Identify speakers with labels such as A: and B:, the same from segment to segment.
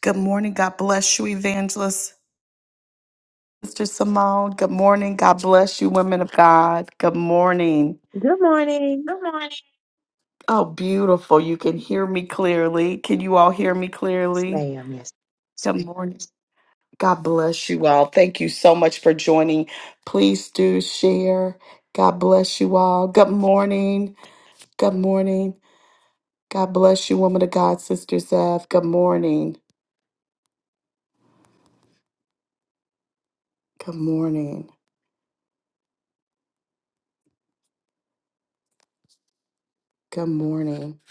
A: Good morning. God bless you, Evangelist. Sister Simone, good morning. God bless you, women of God. Good morning.
B: Good morning.
A: Good morning. Oh, beautiful. You can hear me clearly. Can you all hear me
B: Yes,
A: clearly?
B: ma'am. Yes.
A: Good morning. God bless you all. Thank you so much for joining. Please do share. God bless you all. Good morning. Good morning. God bless you, woman of God, Sister Zev. Good morning. Good morning. Good morning.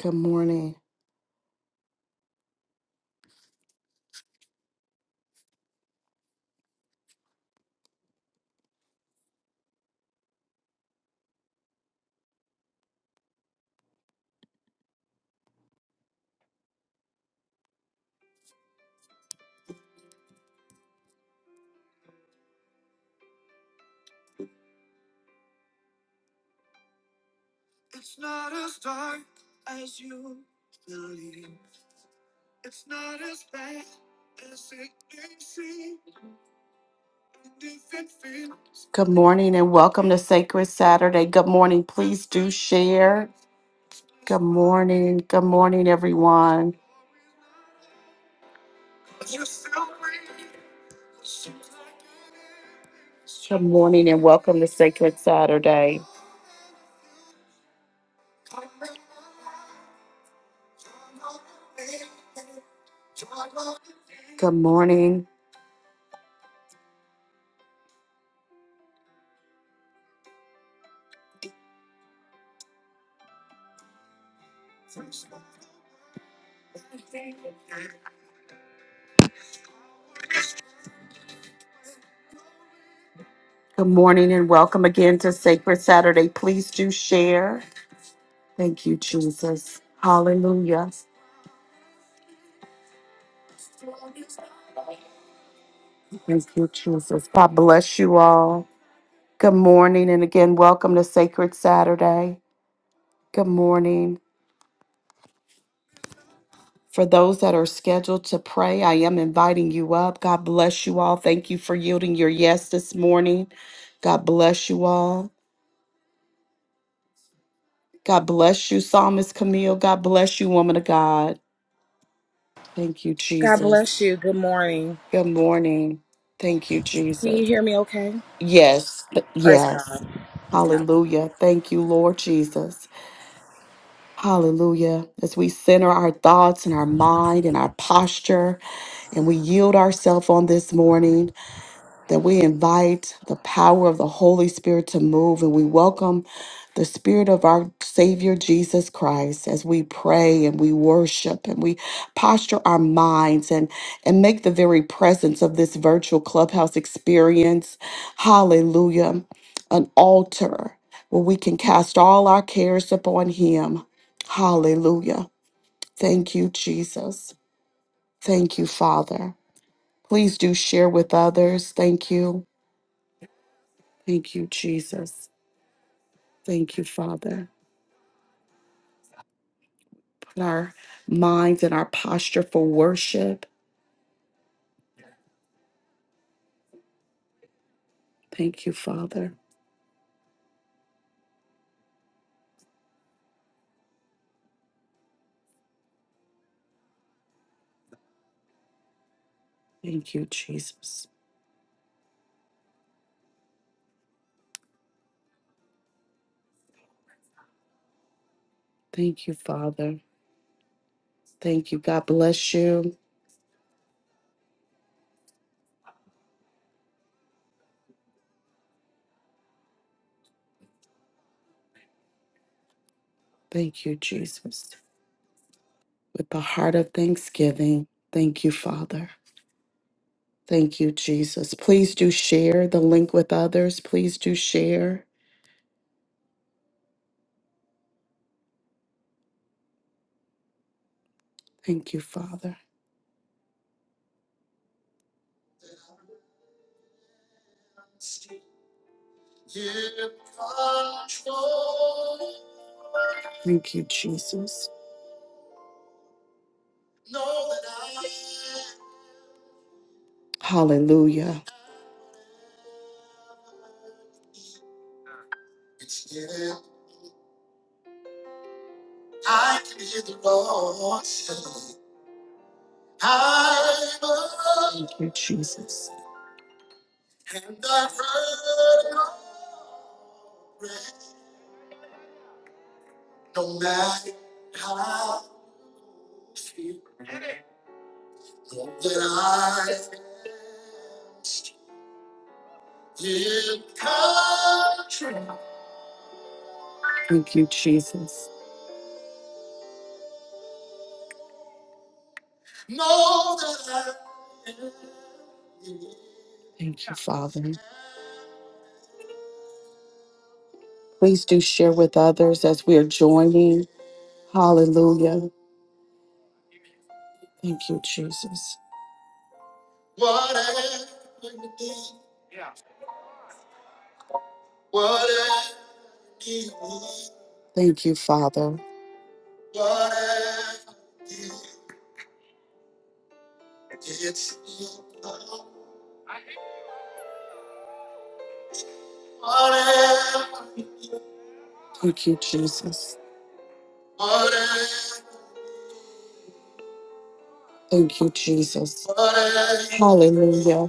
A: Good morning. Good morning and welcome to Sacred Saturday. Good morning. Please do share. Good morning. Good morning, everyone. Good morning and welcome to Sacred Saturday. Good morning. Good morning and welcome again to Sacred Saturday. Please do share. Thank you, Jesus. Hallelujah. Thank you, Jesus. God bless you all. Good morning and again, welcome to Sacred Saturday. Good morning. For those that are scheduled to pray, I am inviting you up. God bless you all. Thank you for yielding your yes this morning. God bless you all. God bless you, Psalmist Camille. God bless you, woman of God. Thank you,
C: God
A: Jesus.
C: bless you. Good morning.
A: Good morning. Thank you,
C: Can you
A: Jesus.
C: hear me okay?
A: Yes,
C: Praise
A: yes.
C: God. Okay.
A: Hallelujah. Thank you, Lord Jesus. Hallelujah. As we center our thoughts and our mind and our posture, and we yield ourselves on this morning. that we invite the power of the Holy Spirit to move and we welcome the Spirit of our Savior Jesus Christ as we pray and we worship and we posture our minds and, and make the very presence of this virtual clubhouse experience, hallelujah, an altar where we can cast all our cares upon Him. Hallelujah. Thank you, Jesus. Thank you, Father. Please do share with others. Thank you. Thank you, Jesus. Thank you, Father. Put our minds and our posture for worship. Thank you, Father. Thank you, Jesus. Thank you, Father. Thank you. God bless you. Thank you, Jesus. With the heart of thanksgiving, thank you, Father. Thank you, Jesus. Please do share the link with others. Please do share. Thank you, Father. Thank you, Jesus. Hallelujah. Thank you, Jesus. Thank you, Jesus. Thank you, Father. Please do share with others as we are joining. Hallelujah. Thank you, Jesus. Thank you, Father. Thank you, Jesus. Thank you, Jesus. Hallelujah.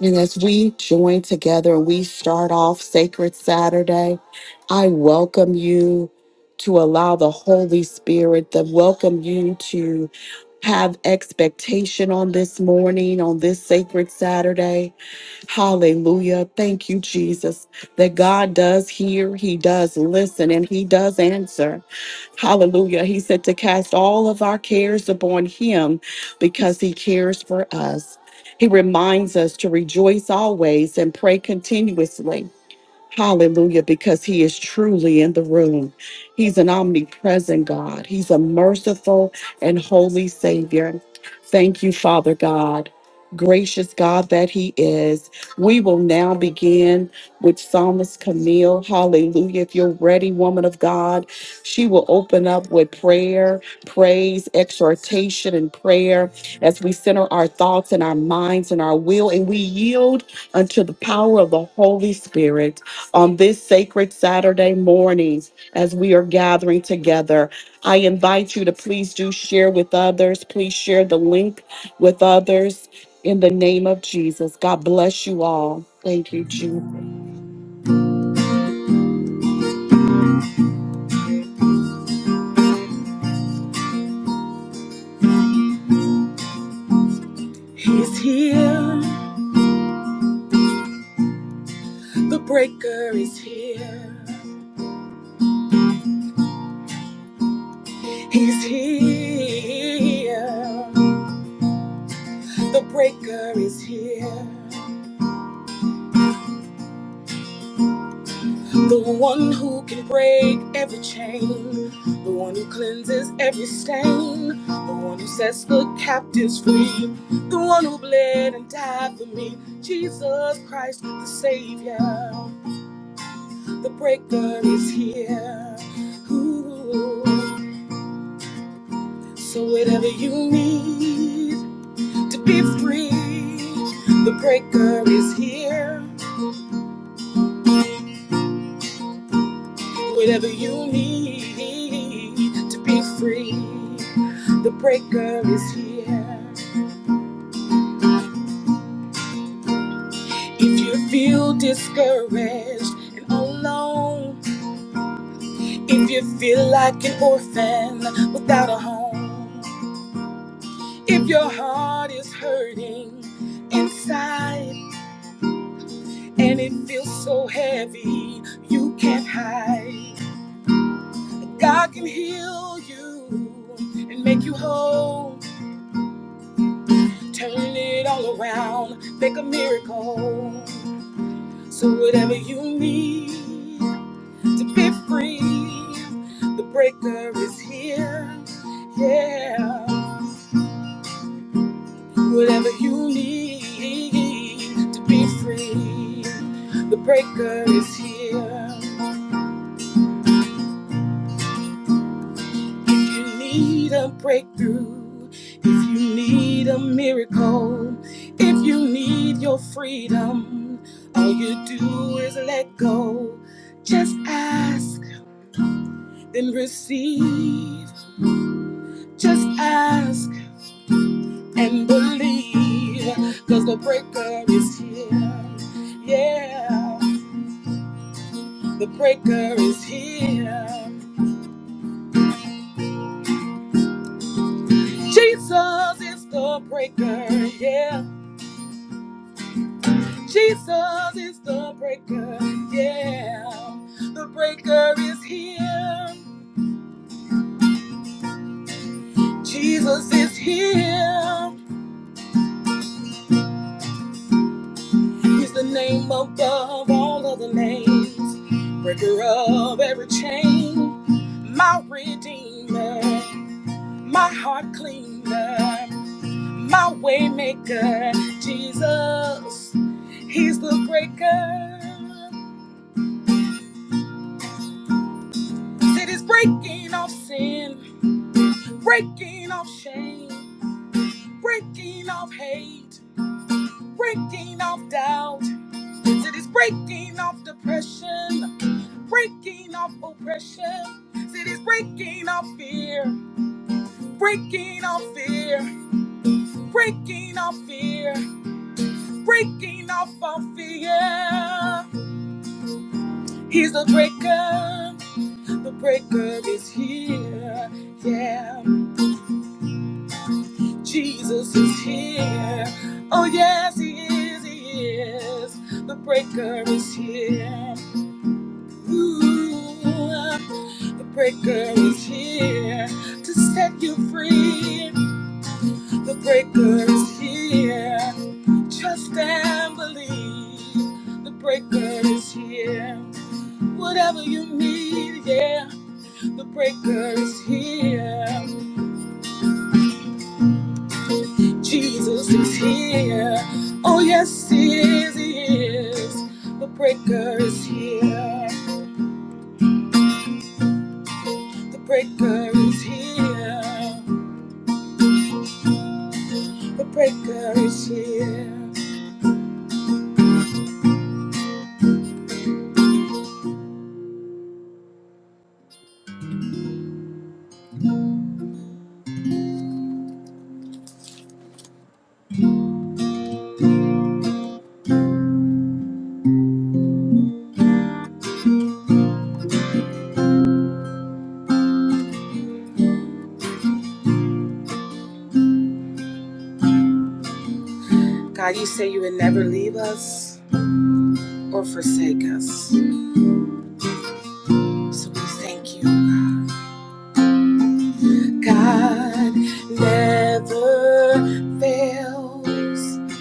A: And as we join together and we start off Sacred Saturday, I welcome you to allow the Holy Spirit to welcome you to have expectation on this morning, on this sacred Saturday. Hallelujah. Thank you, Jesus, that God does hear, He does listen, and He does answer. Hallelujah. He said to cast all of our cares upon Him because He cares for us. He reminds us to rejoice always and pray continuously. Hallelujah, because he is truly in the room. He's an omnipresent God. He's a merciful and holy Savior. Thank you, Father God, gracious God that he is. We will now begin with Psalmist Camille. Hallelujah. If you're ready, woman of God, she will open up with prayer, praise, exhortation, and prayer as we center our thoughts and our minds and our will, and we yield unto the power of the Holy Spirit on this sacred Saturday mornings as we are gathering together. I invite you to please do share with others. Please share the link with others in the name of Jesus. God bless you all. Thank you, Jesus.
C: He's here. The breaker is here. He's here. The breaker is here. The one who can break every chain. The one who cleanses every stain. The one who sets the captives free. The one who bled and died for me. Jesus Christ, the Savior. The breaker is here. Ooh. So whatever you need to be free, the breaker is here. Whatever you need to be free, the breaker is here. If you feel discouraged and alone, if you feel like an orphan without a home, if your heart is hurting inside. and it feels so heavy you can't hide. God can heal you and make you whole, turn it all around, make a miracle. So whatever you need to be free, the breaker is here. Yeah, whatever you need to be free, the breaker is here. If you need a breakthrough, if you need a miracle, if you need your freedom, all you do is let go. Just ask, then receive. Just ask and believe, because the breaker is here. Yeah, the breaker is here. Jesus is the breaker, yeah. Jesus is the breaker, yeah. The breaker is here. Jesus is here. He's the name above all other names. Breaker of every chain. My redeemer, my heart cleaner, my waymaker. Jesus, he's the breaker. City's breaking off sin, breaking off shame. breaking off hate, breaking off doubt. It is breaking off depression, breaking off oppression. It is breaking off fear, breaking off fear, breaking off fear, breaking off all fear. He's the breaker, the breaker is here. Yeah, Jesus is here. Oh, yes, he is, he is. The breaker is here. The breaker is here to set you free. The breaker is here. Trust and believe. The breaker is here. Whatever you need, yeah. The breaker is here. Jesus is here. Oh, yes, he is. He is. The breaker is here. The breaker is here. The breaker is here. God, you say you would never leave us or forsake us. So we thank you, God. God never fails.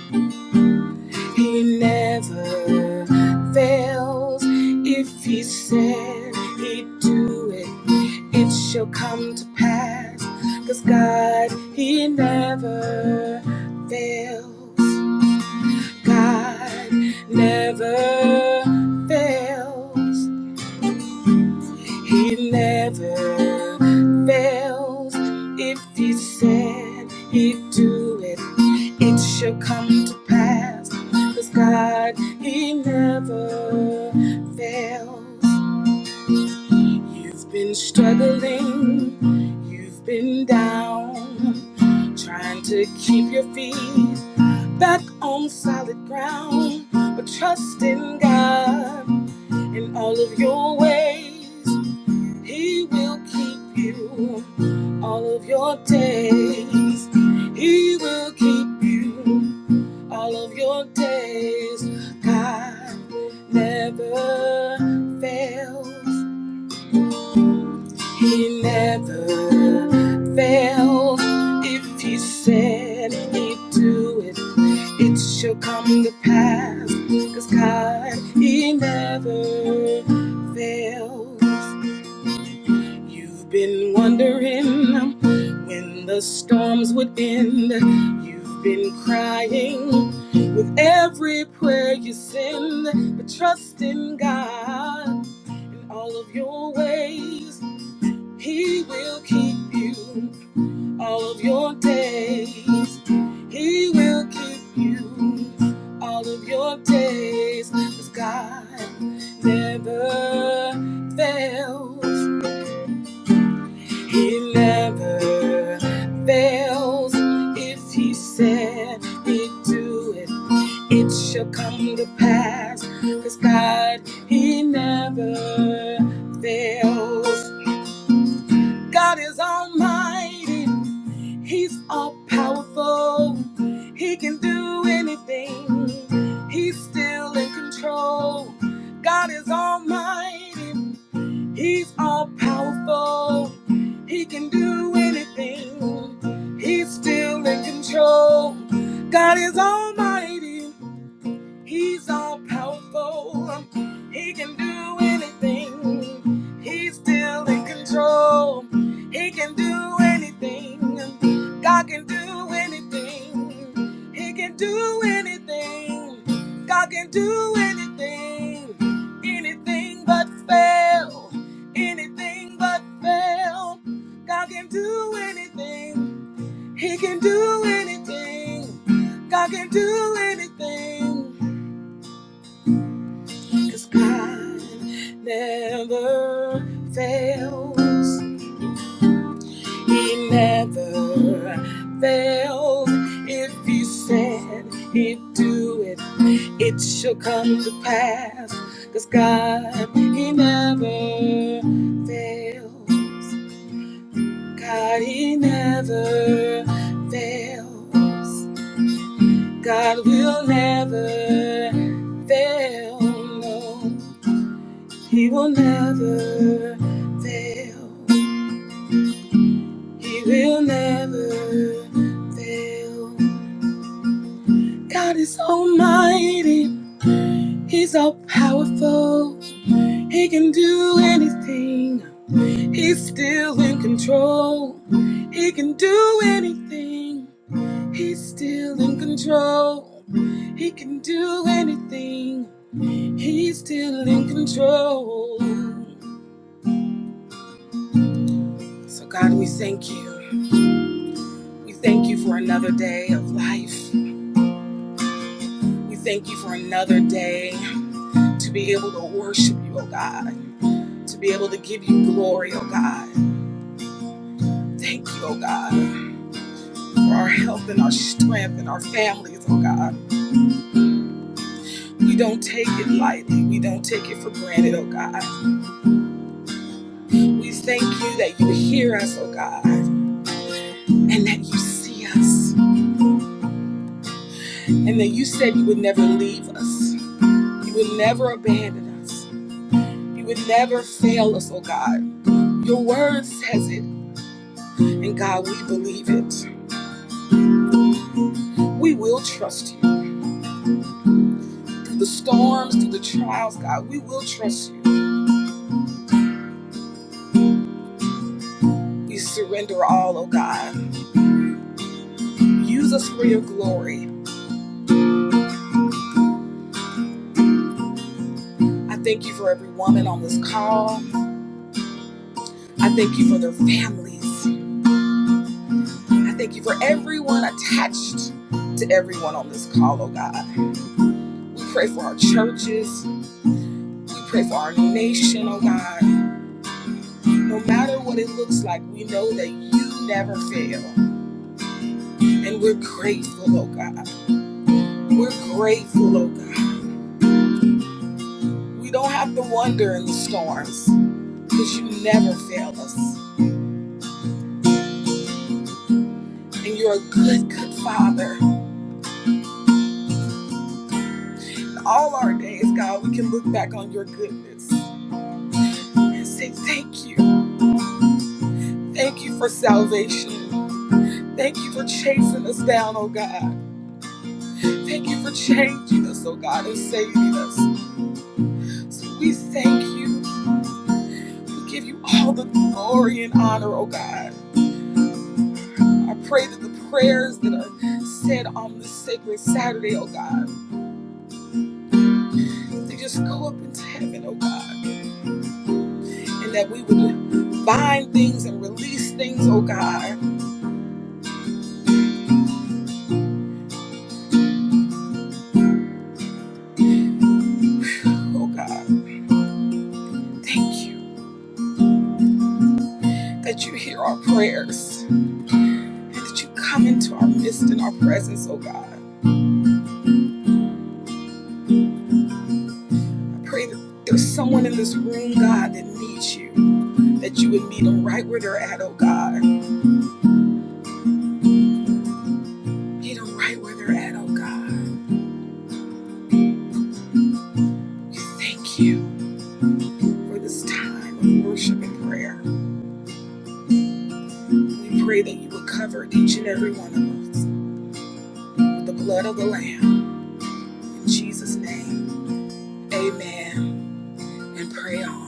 C: He never fails. If he said he'd do it, it shall come to pass. Cause God, he never fails. God never fails. He never fails. If he said he'd do it, it shall come to pass. Cause God, he never fails. You've been struggling, you've been down, trying to keep your feet back on solid ground, but trust in God in all of your ways. He will keep you all of your days. He will keep you all of your days. God never fails. He never fails. If he said he'd do it, it shall come to pass. 'Cause God, he never fails. You've been wondering when the storms would end. You've been crying with every prayer you send, but trust in God in all of your ways. He will keep you all of your days. He will keep you all of your days. 'Cause God never fails. He never fails. If He said He'd do it, it shall come to pass. 'Cause God, He never fails. God is almighty. He's all powerful. He can do anything. He's still in control. God is almighty. He's all powerful. He can do anything. He's still in control. God is almighty. He's all powerful. He can do anything. He's still in control. He can do anything. God can do anything. He can do anything. God can do anything. Anything but fail. Anything but fail. God can do anything. He can do anything. God can do anything. Cause God never fails. He never fails. If He said He'd do it, it shall come to pass. 'Cause God, He never fails. God, He never fails. God will never fail. No. He will never fail. He will never fail. God is almighty. He's all powerful. He can do anything. He's still in control. He can do anything. He's still in control. He can do anything. He's still in control. So, God, we thank you. We thank you for another day of life. We thank you for another day to be able to worship you, oh God, to be able to give you glory, oh God. Thank you, oh God, for our health and our strength and our families, oh God. We don't take it lightly. We don't take it for granted, oh God. We thank you that you hear us, oh God, and that you see us, and that you said you would never leave us. You would never abandon us. You would never fail us, oh God. Your word says it. And God, we believe it. We will trust you. Through the storms, through the trials, God, we will trust you. We surrender all, oh God. Use us for your glory. I thank you for every woman on this call. I thank you for their families. I thank you for everyone attached to everyone on this call, oh God. We pray for our churches. We pray for our nation, oh God. No matter what it looks like, we know that you never fail. And we're grateful, oh God. We're grateful, oh God. We don't have to wonder in the storms because you never fail us. And you're a good, good father. In all our days, God, we can look back on your goodness and say, Thank you. Thank you for salvation. Thank you for chasing us down, oh God. Thank you for changing us, oh God, and saving us. So we thank you. We give you all the glory and honor, oh God. I pray that the prayers that are said on this sacred Saturday, oh God. to just go up into heaven, oh God, and that we would bind things and release things, oh God. Oh God, thank you that you hear our prayers and that you come into our midst and our presence, oh God. I pray that there's someone in this room, God, that needs you that you would meet them right where they're at, oh God. Meet them right where they're at, oh God. Thank you for this time of worship and prayer. We pray that you would cover each and every one of us with the blood of the Lamb. In Jesus' name. Amen. And pray on.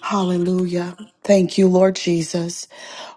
A: Hallelujah. Thank you, Lord Jesus.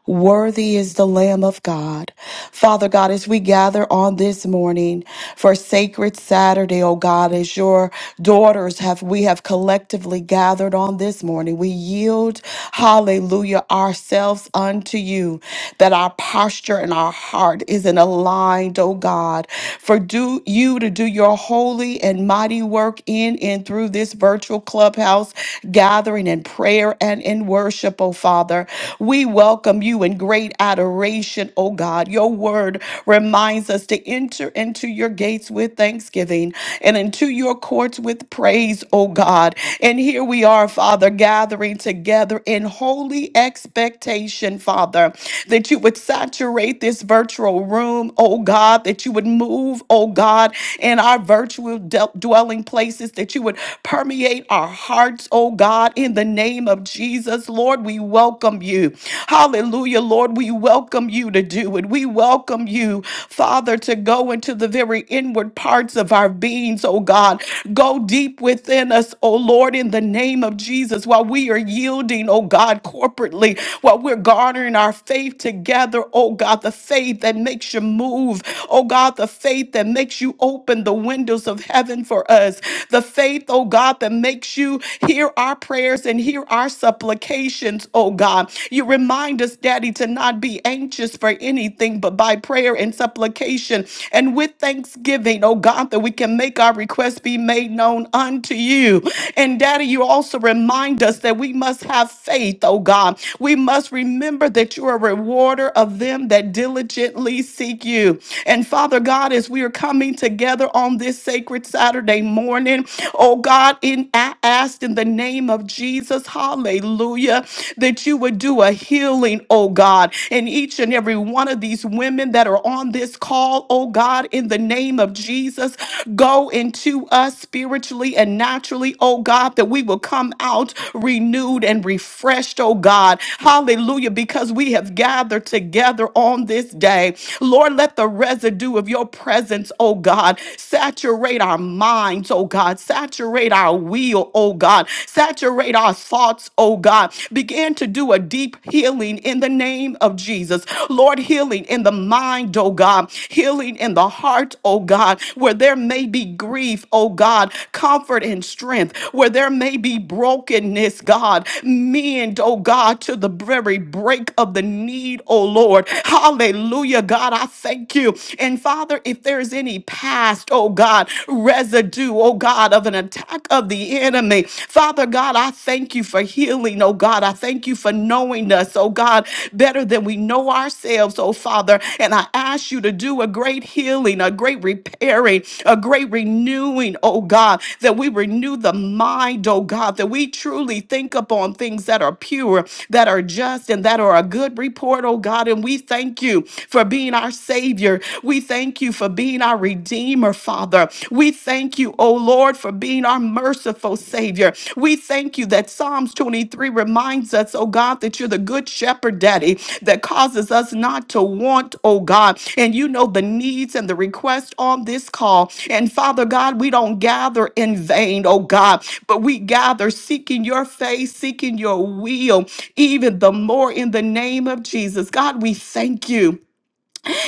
A: Worthy is the Lamb of God. Father God, as we gather on this morning for Sacred Saturday, oh God, as your daughters have, we have collectively gathered on this morning, we yield, hallelujah, ourselves unto you, that our posture and our heart is in aligned, oh God, for do you to do your holy and mighty work in and through this virtual clubhouse gathering in prayer and in worship worship, oh Father. We welcome you in great adoration, oh God. Your word reminds us to enter into your gates with thanksgiving and into your courts with praise, oh God. And here we are, Father, gathering together in holy expectation, Father, that you would saturate this virtual room, oh God, that you would move, oh God, in our virtual del- dwelling places, that you would permeate our hearts, oh God. God, in the name of Jesus. Lord, we welcome you. Hallelujah, Lord, we welcome you to do it. We welcome you, Father, to go into the very inward parts of our beings, oh God. Go deep within us, oh Lord, in the name of Jesus, while we are yielding, oh God, corporately, while we're garnering our faith together, oh God, the faith that makes you move, oh God, the faith that makes you open the windows of heaven for us, the faith faith, oh God, that makes you hear our prayers and hear our supplications, oh God. You remind us, Daddy, to not be anxious for anything, but by prayer and supplication and with thanksgiving, oh God, that we can make our requests be made known unto you. And Daddy, you also remind us that we must have faith, oh God. We must remember that you are a rewarder of them that diligently seek you. And Father God, as we are coming together on this sacred Saturday morning. Oh God, in I asked in the name of Jesus, hallelujah, that you would do a healing, oh God, in each and every one of these women that are on this call, oh God, in the name of Jesus. Go into us spiritually and naturally, oh God, that we will come out renewed and refreshed, oh God. Hallelujah, because we have gathered together on this day. Lord, let the residue of your presence, oh God. Saturate our minds, oh God. Saturate our will, oh God. Saturate our thoughts, oh God. Begin to do a deep healing in the name of Jesus. Lord, healing in the mind, oh God. Healing in the heart, oh God. Where there may be grief, oh God. Comfort and strength. Where there may be brokenness, God. Mend, oh God, to the very break of the need, oh Lord. Hallelujah. Hallelujah, God, I thank you. And Father, if there is any past, oh God, residue, oh God, of an attack of the enemy, Father God, I thank you for healing, oh God. I thank you for knowing us, oh God, better than we know ourselves, oh Father. And I ask you to do a great healing, a great repairing, a great renewing, oh God, that we renew the mind, oh God, that we truly think upon things that are pure, that are just, and that are a good report report, oh God. And we thank you for being our Savior. We thank you for being our Redeemer, Father. We thank you, oh Lord, for being our merciful Savior. We thank you that Psalms 23 reminds us, oh God, that you're the good shepherd, Daddy, that causes us not to want, oh God. And you know the needs and the requests on this call. And Father God, we don't gather in vain, oh God, but we gather seeking your face, seeking your will, even the more in the name of Jesus. God, we thank you.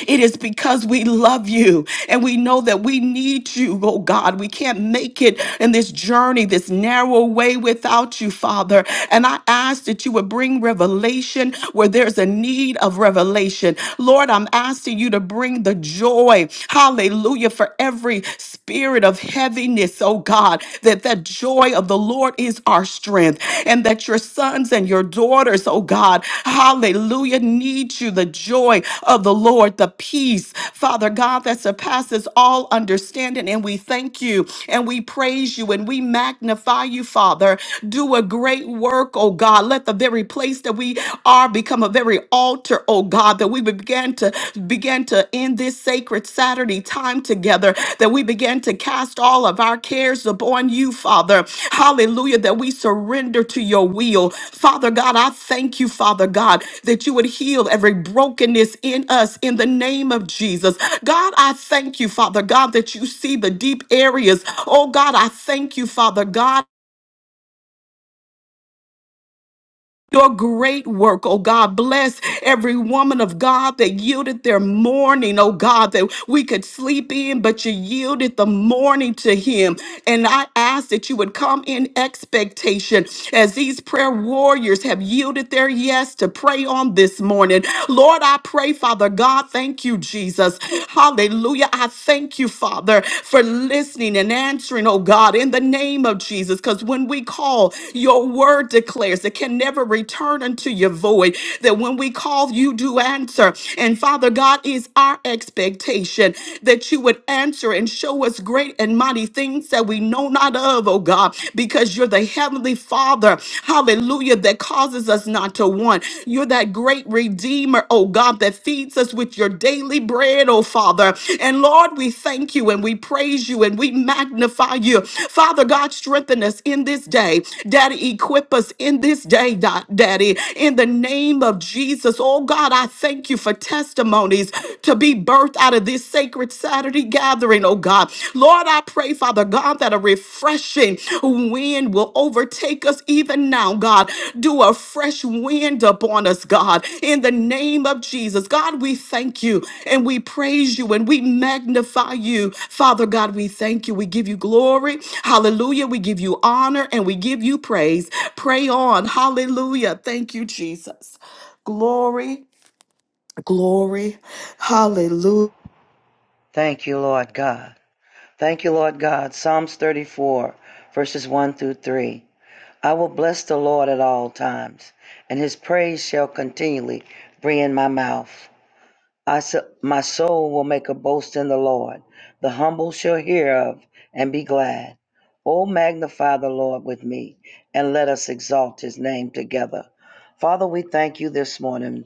A: It is because we love you and we know that we need you, oh God. We can't make it in this journey, this narrow way without you, Father. And I ask that you would bring revelation where there's a need of revelation. Lord, I'm asking you to bring the joy, hallelujah, for every spirit of heaviness, oh God, that that joy of the Lord is our strength, and that your sons and your daughters, oh God, hallelujah, need you, the joy of the Lord, the peace, Father God, that surpasses all understanding. And we thank you and we praise you and we magnify you, Father. Do a great work, oh God. Let the very place that we are become a very altar, oh God, that we began to to begin to end this sacred Saturday time together, that we begin to cast all of our cares upon you, Father. Hallelujah, that we surrender to your will. Father God, I thank you, Father God, that you would heal every brokenness in us in the name of Jesus. God, I thank you, Father God, that you see the deep areas. Oh God, I thank you, Father God. your great work, oh God. Bless every woman of God that yielded their morning, oh God, that we could sleep in, but you yielded the morning to Him. And I ask that you would come in expectation as these prayer warriors have yielded their yes to pray on this morning. Lord, I pray, Father God, thank you, Jesus. Hallelujah. I thank you, Father, for listening and answering, oh God, in the name of Jesus. Because when we call, your word declares it can never return unto your void. That when we call, you do answer. And Father God, is our expectation that you would answer and show us great and mighty things that we know not of, oh God, because you're the heavenly Father. Hallelujah. That causes us not to want. You're that great redeemer, oh God, that feeds us with your daily bread bread, oh Father. And Lord, we thank you and we praise you and we magnify you. Father God, strengthen us in this day. Daddy, equip us in this day, Da- Daddy, in the name of Jesus. Oh God, I thank you for testimonies to be birthed out of this sacred Saturday gathering, oh God. Lord, I pray, Father God, that a refreshing wind will overtake us even now, God. Do a fresh wind upon us, God, in the name of Jesus. God, we thank you and we praise you and we magnify you. Father God, we thank you. We give you glory. Hallelujah. We give you honor and we give you praise. Pray on. Hallelujah. Thank you, Jesus. Glory, glory. Hallelujah.
D: Thank you, Lord God. Thank you, Lord God. Psalms 34, verses 1 through 3. I will bless the Lord at all times, and his praise shall continually be in my mouth. I, s- my soul will make a boast in the Lord. The humble shall hear of and be glad. Oh, magnify the Lord with me, and let us exalt his name together. Father, we thank you this morning.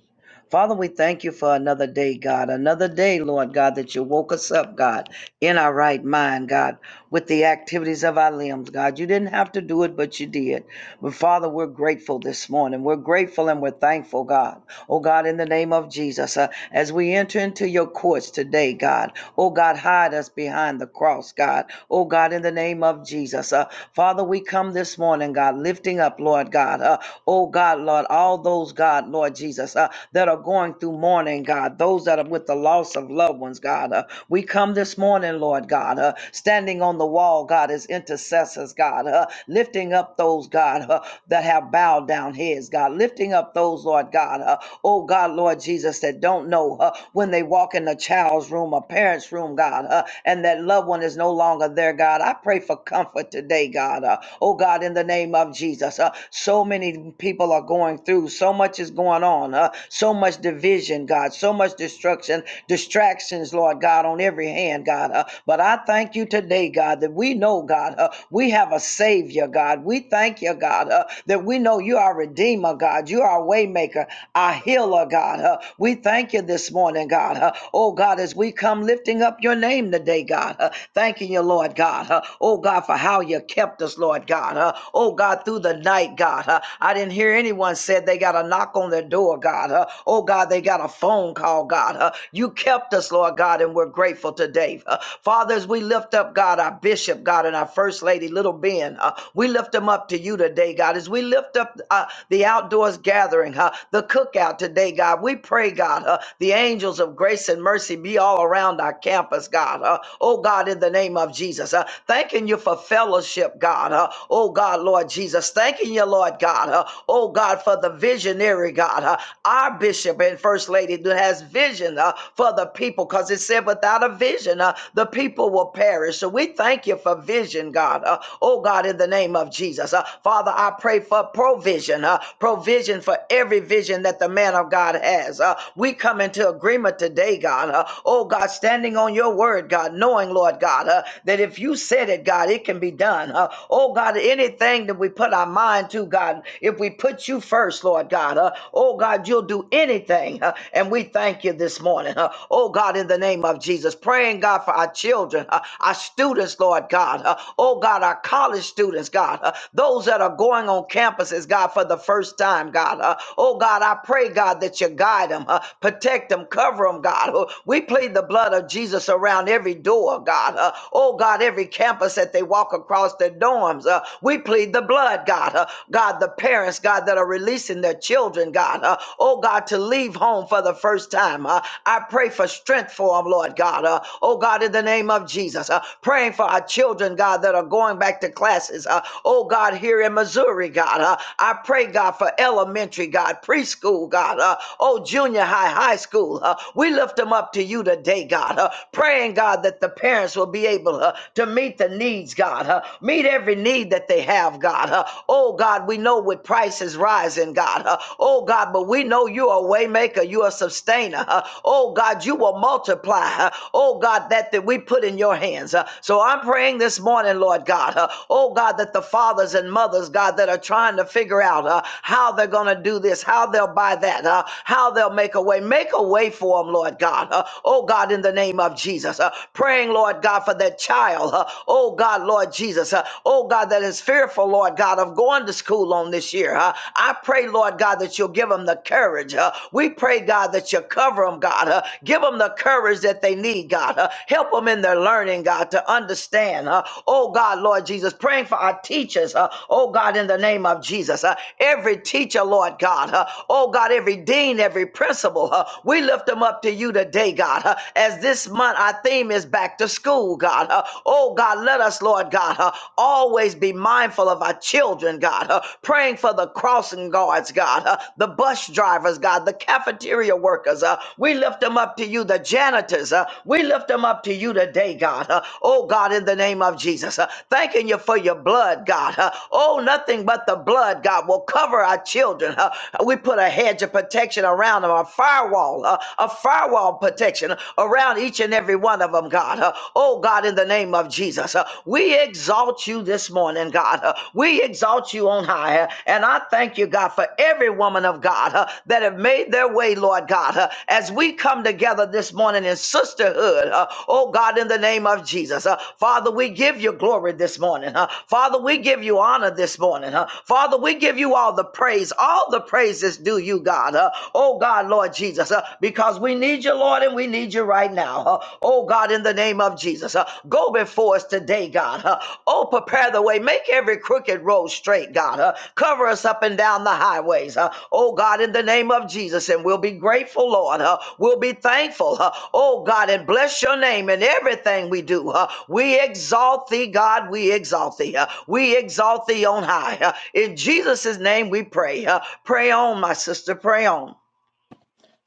D: Father, we thank you for another day, God. Another day, Lord God, that you woke us up, God, in our right mind, God, with the activities of our limbs, God. You didn't have to do it, but you did. But Father, we're grateful this morning. We're grateful and we're thankful, God. Oh God, in the name of Jesus, uh, as we enter into your courts today, God. Oh God, hide us behind the cross, God. Oh God, in the name of Jesus, uh, Father, we come this morning, God, lifting up, Lord God. Uh, oh God, Lord, all those, God, Lord Jesus, uh, that are going through mourning, God. Those that are with the loss of loved ones, God. Uh, we come this morning, Lord God, uh, standing on the wall, God, as intercessors oppressors, God, uh, lifting up those, God, uh, that have bowed down heads, God, lifting up those, Lord God, uh, oh God, Lord Jesus, that don't know uh, when they walk in a child's room, a parent's room, God, uh, and that loved one is no longer there, God. I pray for comfort today, God. Uh, oh God, in the name of Jesus, uh, so many people are going through, so much is going on, uh, so much division, God, so much destruction, distractions, Lord God, on every hand, God. Uh, but I thank you thank you today, God, that we know, God, uh, we have a Savior, God. We thank you, God, uh, that we know you are Redeemer, God. You are a Waymaker, our Healer, God. Uh, we thank you this morning, God. Uh, oh, God, as we come lifting up your name today, God, uh, thanking you, Lord, God. Uh, oh, God, for how you kept us, Lord, God. Uh, oh, God, through the night, God. Uh, I didn't hear anyone said they got a knock on their door, God. Uh, oh, God, they got a phone call, God. Uh, you kept us, Lord God, and and we're grateful today. Uh, Father, as we lift up, God, our bishop, God, and our first lady, little Ben, uh, we lift them up to you today, God. As we lift up uh, the outdoors gathering, uh, the cookout today, God, we pray, God, uh, the angels of grace and mercy be all around our campus, God. Uh, oh, God, in the name of Jesus, uh, thanking you for fellowship, God. Uh, oh, God, Lord Jesus, thanking you, Lord God. Uh, oh, God, for the visionary, God, uh, our bishop and first lady that has has vision uh, for the people because it said without a vision, uh, the people will perish. So we thank you for vision, God. Uh, oh, God, in the name of Jesus. Uh, Father, I pray for provision, uh, provision for every vision that the man of God has. Uh, we come into agreement today, God. Uh, oh, God, standing on your word, God, knowing, Lord God, uh, that if you said it, God, it can be done. Uh, oh, God, anything that we put our mind to, God, if we put you first, Lord God, uh, oh, God, Oh God, you'll do anything. huh, And we thank you this morning. huh. Oh God, in the name of Jesus, praying God for our children, huh, our students, Lord God. huh. Oh God, our college students, God. huh, Those that are going on campuses, God, for the first time, God. huh. Oh God, I pray, God, that you guide them, huh, protect them, cover them, God. Oh, We plead the blood of Jesus around every door, God. huh. Oh God, every campus that they walk across their dorms. uh, We plead the blood, God. huh. God, the parents parents, God, that are releasing their children, God, uh, oh God, to leave home for the first time. Uh, I pray for strength for them, Lord God. Uh, oh God, in the name of Jesus, uh, praying for our children, God, that are going back to classes. Uh, oh God, here in Missouri, God, uh, I pray, God, for elementary, God, preschool, God, uh, oh junior high, high school. Uh, we lift them up to you today, God, uh, praying, God, that the parents will be able uh, to meet the needs, God, uh, meet every need that they they have, God. Uh, oh, God, we know with prices rising, God. Uh, oh, God, but we know you're a waymaker, you're a sustainer. Uh, oh, God, you will multiply. Uh, oh, God, that that we put in your hands. Uh, so I'm praying this morning, Lord God. Uh, oh, God, that the fathers and mothers, God, that are trying to figure out uh, how they're going to do this, how they'll buy that, uh, how they'll make a way, make a way for them, Lord God. Uh, oh, God, in the name of Jesus, uh, praying, Lord God, for that child. Uh, oh, oh God, Lord Jesus, uh, oh God, that is fearful, Lord God, of going to school on this year. Uh, I pray, Lord God, that you'll give them the courage. Uh, we pray, God, that you cover them, God. Uh, give them the courage that they need, God. Uh, help them in their learning, God, to understand. Uh, oh God, Lord Jesus, praying for our teachers. Uh, oh God, in the name of Jesus, uh, every teacher, Lord God. Uh, oh God, every dean, every principal, uh, we lift them up to you today, God. Uh, as this month, our theme is is back to school, God. Uh, oh, God, let us, Lord God, uh, always be mindful of our children, God, uh, praying for the crossing guards, God, uh, the bus drivers, God, the cafeteria workers. Uh, we lift them up to you, the janitors. Uh, we lift them up to you today, God. Uh, oh, God, in the name of Jesus. Uh, thanking you for your blood, God. Uh, oh, nothing but the blood, God, will cover our children. Uh, we put a hedge of protection around them, a firewall, uh, a firewall of protection around each and every one of them, God. Uh, Oh, God, in the name of Jesus, uh, we exalt you this morning, God. Uh, We exalt you on high. Uh, And I thank you, God, for every woman of God uh, that have made their way, Lord God, Uh, as we come together this morning in sisterhood. uh, Oh, God, in the name of Jesus. Uh, Father, we give you glory this morning. uh, Father, we give you honor this morning. uh, Father, we give you all the praise. All the praises due you, God. uh, Oh, oh God, Lord Jesus, uh, because we need you, Lord, and we need you right now. Uh, oh God, in the name of Jesus, uh, go before us today, God. Uh, oh, prepare the way. Make every crooked road straight, God. Uh, cover us up and down the highways. Uh, oh God, in the name of Jesus, and we'll be grateful, Lord. Uh, we'll be thankful. Uh, oh God, and bless your name in everything we do. Uh, we exalt thee, God. We exalt thee. Uh, we exalt thee on high. Uh, in Jesus' name we pray. Uh, pray on, my sister. Pray on.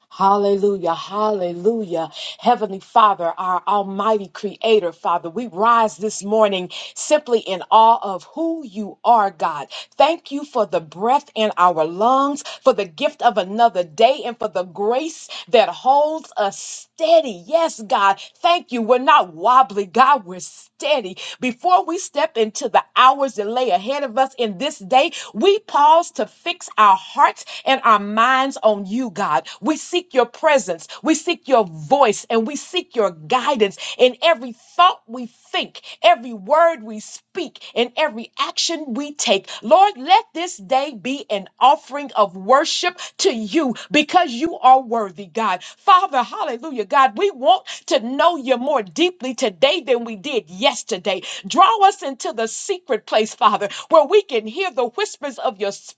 B: Hallelujah, hallelujah. Heavenly Father, our Almighty Creator, Father, we rise this morning simply in awe of who you are, God. Thank you for the breath in our lungs, for the gift of another day, and for the grace that holds us steady. Yes, God, thank you. We're not wobbly, God, we're steady. Before we step into the hours that lay ahead of us in this day, we pause to fix our hearts and our minds on you, God. We seek your presence, we seek your voice, and we seek your guidance in every thought thought we think, every word we speak, and every action we take. Lord, let this day be an offering of worship to you because you are worthy, God. Father, hallelujah, God, we want to know you more deeply today than we did yesterday. Draw us into the secret place, Father, where we can hear the whispers of your spirit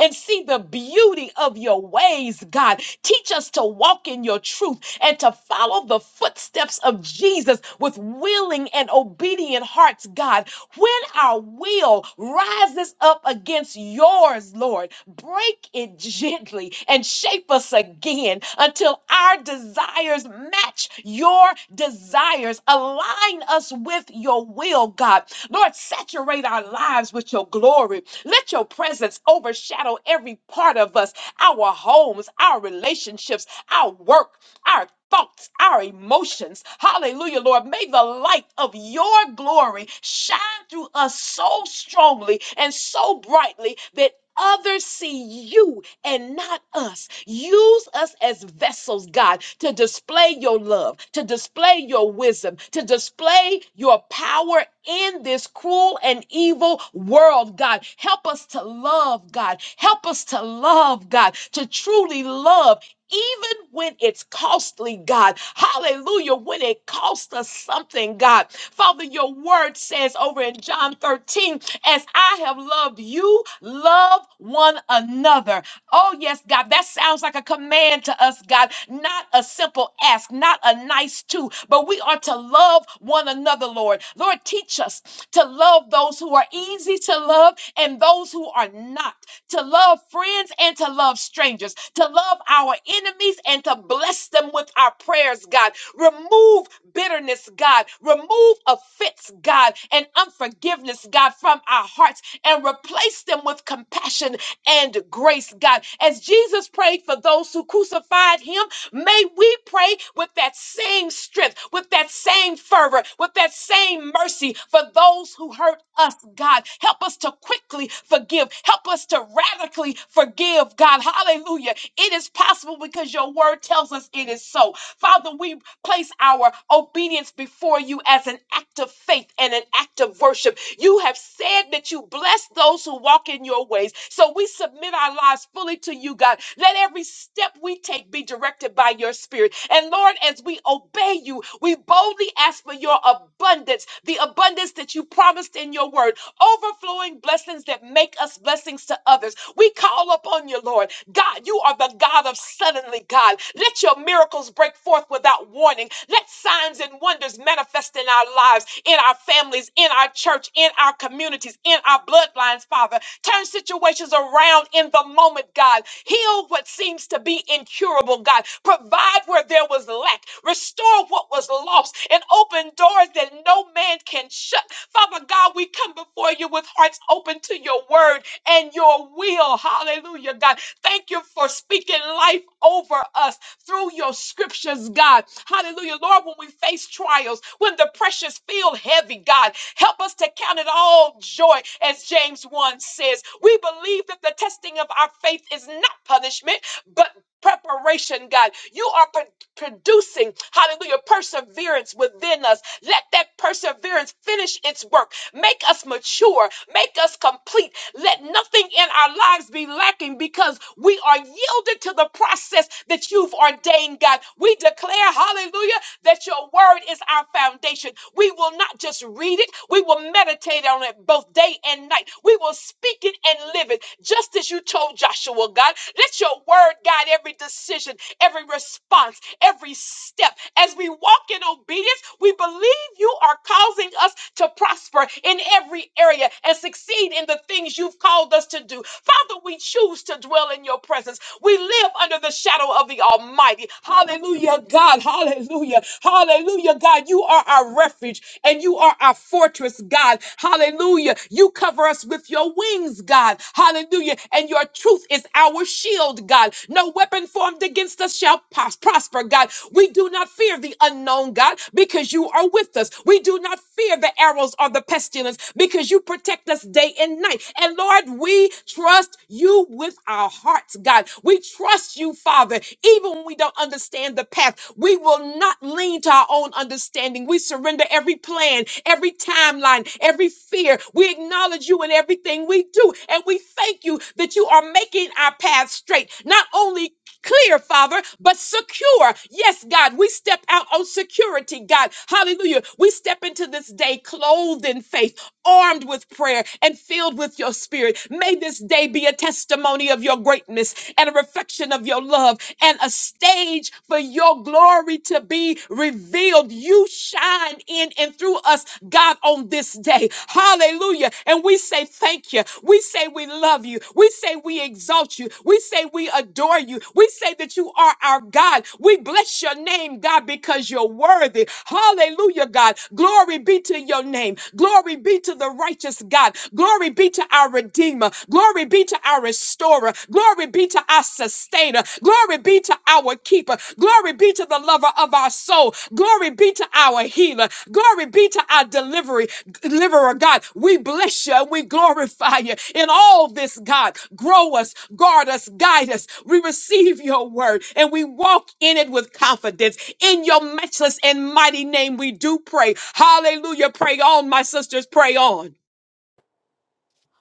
B: and see the beauty of your ways, God. Teach us to walk in your truth and to follow the footsteps of Jesus with willing and obedient hearts, God. When our will rises up against yours, Lord, break it gently and shape us again until our desires match your desires. Align us with your will, God. Lord, saturate our lives with your glory. Let your presence overshadow every part of us our homes, our relationships, our work, our thoughts, our emotions. Hallelujah, Lord. May the light of your glory shine through us so strongly and so brightly that others see you and not us. Use us as vessels, God, to display your love, to display your wisdom, to display your power in this cruel and evil world, God. Help us to love, God. Help us to love, God, to truly love even when it's costly, God. Hallelujah. When it costs us something, God. Father, your word says over in John 13, as I have loved you, love one another. Oh, yes, God. That sounds like a command to us, God. Not a simple ask, not a nice to, but we are to love one another, Lord. Lord, teach us to love those who are easy to love and those who are not, to love friends and to love strangers, to love our enemies and to bless them with our prayers, God. Remove bitterness, God. Remove offense, God, and unforgiveness, God, from our hearts and replace them with compassion and grace, God. As Jesus prayed for those who crucified him, may we pray with that same strength, with that same fervor, with that same mercy for those who hurt us, God. Help us to quickly forgive. Help us to radically forgive, God. Hallelujah. It is possible because your word tells us it is so. Father, we place our obedience before you as an act of faith and an act of worship. You have said that you bless those who walk in your ways. So we submit our lives fully to you, God. Let every step we take be directed by your spirit. And Lord, as we obey you, we boldly ask for your abundance, the abundance that you promised in your word overflowing blessings that make us blessings to others. We call upon you, Lord. God, you are the God of suddenly, God. Let your miracles break forth without warning. Let signs and wonders manifest in our lives, in our families, in our church, in our communities, in our bloodlines, Father. Turn situations around in the moment, God. Heal what seems to be incurable, God. Provide where there was lack. Restore what was lost and open doors that no man can shut. Father God, we come before you with hearts open to your word and your will. Hallelujah, God. Thank you for speaking life over us through your scriptures, God. Hallelujah. Lord, when we face trials, when the pressures feel heavy, God, help us to count it all joy, as James 1 says. We believe that the testing of our faith is not punishment, but preparation, God. You are pro- producing, hallelujah, perseverance within us. Let that perseverance finish its work. Make us mature. Make us complete let nothing in our lives be lacking because we are yielded to the process that you've ordained, God. We declare, hallelujah, that your word is our foundation. We will not just read it, we will meditate on it both day and night. We will speak it and live it, just as you told Joshua, God. Let your word guide every decision every response, every step. As we walk in obedience, we believe you are causing us to prosper in every area and succeed in the things you've called us to do. Father, we choose to dwell in your presence. We live under the shadow of the Almighty. Hallelujah, God. Hallelujah. Hallelujah, God. You are our refuge and you are our fortress, God. Hallelujah. You cover us with your wings, God. Hallelujah. And your truth is our shield, God. No weapon formed formed against us shall pos- prosper, God. We do not fear the unknown, God, because you are with us. We do not fear the arrows or the pestilence because you protect us day and night. And Lord, we trust you with our hearts, God. We trust you, Father, even when we don't understand the path. We will not lean to our own understanding. We surrender every plan, every timeline, every fear. We acknowledge you in everything we do. And we thank you that you are making our path straight. Not only clear, Father, but secure. Yes, God, we step out on security, God. Hallelujah. We step into this day clothed in faith, armed with prayer, and filled with your spirit. May this day be a testimony of your greatness and a reflection of your love and a stage for your glory to be revealed. You shine in and through us, God, on this day. Hallelujah. And we say thank you. We say we love you. We say we exalt you. We say we adore you. We say that you are our God. We bless your name, God. God, because you're worthy. Hallelujah, God. Glory be to your name. Glory be to the righteous God. Glory be to our Redeemer. Glory be to our Restorer. Glory be to our Sustainer. Glory be to our Keeper. Glory be to the Lover of our soul. Glory be to our Healer. Glory be to our Delivery, Deliverer, God. We bless you and we glorify you in all this, God. Grow us, guard us, guide us. We receive your word and we walk in it with confidence in your matchless and mighty name, we do pray. Hallelujah. Pray on, my sisters. Pray on.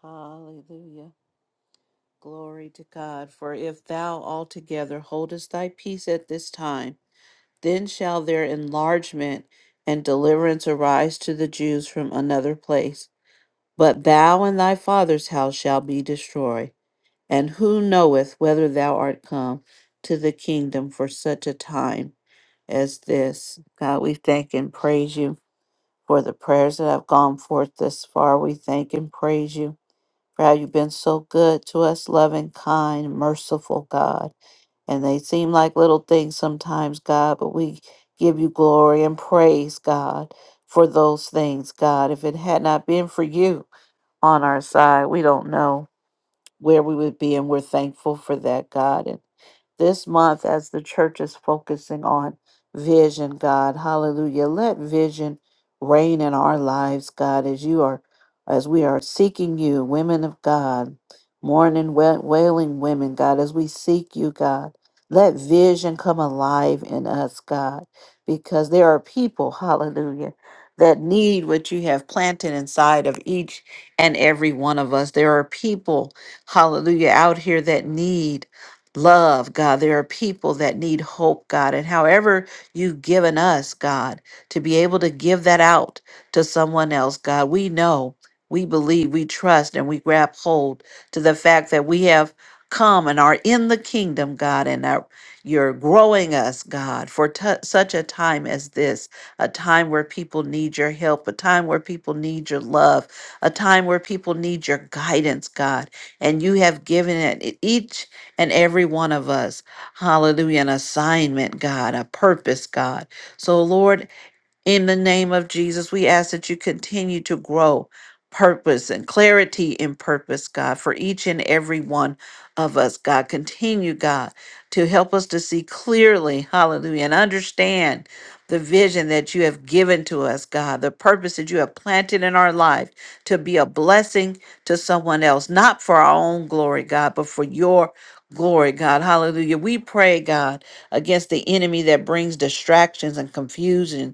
E: Hallelujah. Glory to God. For if thou altogether holdest thy peace at this time, then shall their enlargement and deliverance arise to the Jews from another place. But thou and thy father's house shall be destroyed. And who knoweth whether thou art come to the kingdom for such a time as this? God, we thank and praise you for the prayers that have gone forth thus far. We thank and praise you For how you've been so good to us, loving, kind, merciful God. And they seem like little things sometimes, God, but we give you glory and praise, God, for those things, God. If it had not been for you on our side, we don't know where we would be, and we're thankful for that, God. And this month, as the church is focusing on vision, God, hallelujah, let vision reign in our lives, God, as you are, as we are seeking you, women of God, mourning, wa- wailing women, God, as we seek you, God. Let vision come alive in us, God, because there are people, hallelujah, that need what you have planted inside of each and every one of us. There are people hallelujah, out here that need love, God. There are people that need hope, God. And however you've given us, God, to be able to give that out to someone else, God, we know, we believe, we trust, and we grab hold to the fact that we have come and are in the kingdom, God, and are you're growing us, God, for tu such a time as this, a time where people need your help, a time where people need your love, a time where people need your guidance, God and you have given it e-, each and every one of us, hallelujah, an assignment, God, a purpose, God. So, Lord, in the name of Jesus, we ask that you continue to grow purpose and clarity in purpose, God, for each and every one of us, God. Continue, God, to help us to see clearly, hallelujah, and understand the vision that you have given to us, God, the purpose that you have planted in our life to be a blessing to someone else, not for our own glory, God, but for your glory, God. Hallelujah. We pray, God, against the enemy that brings distractions and confusion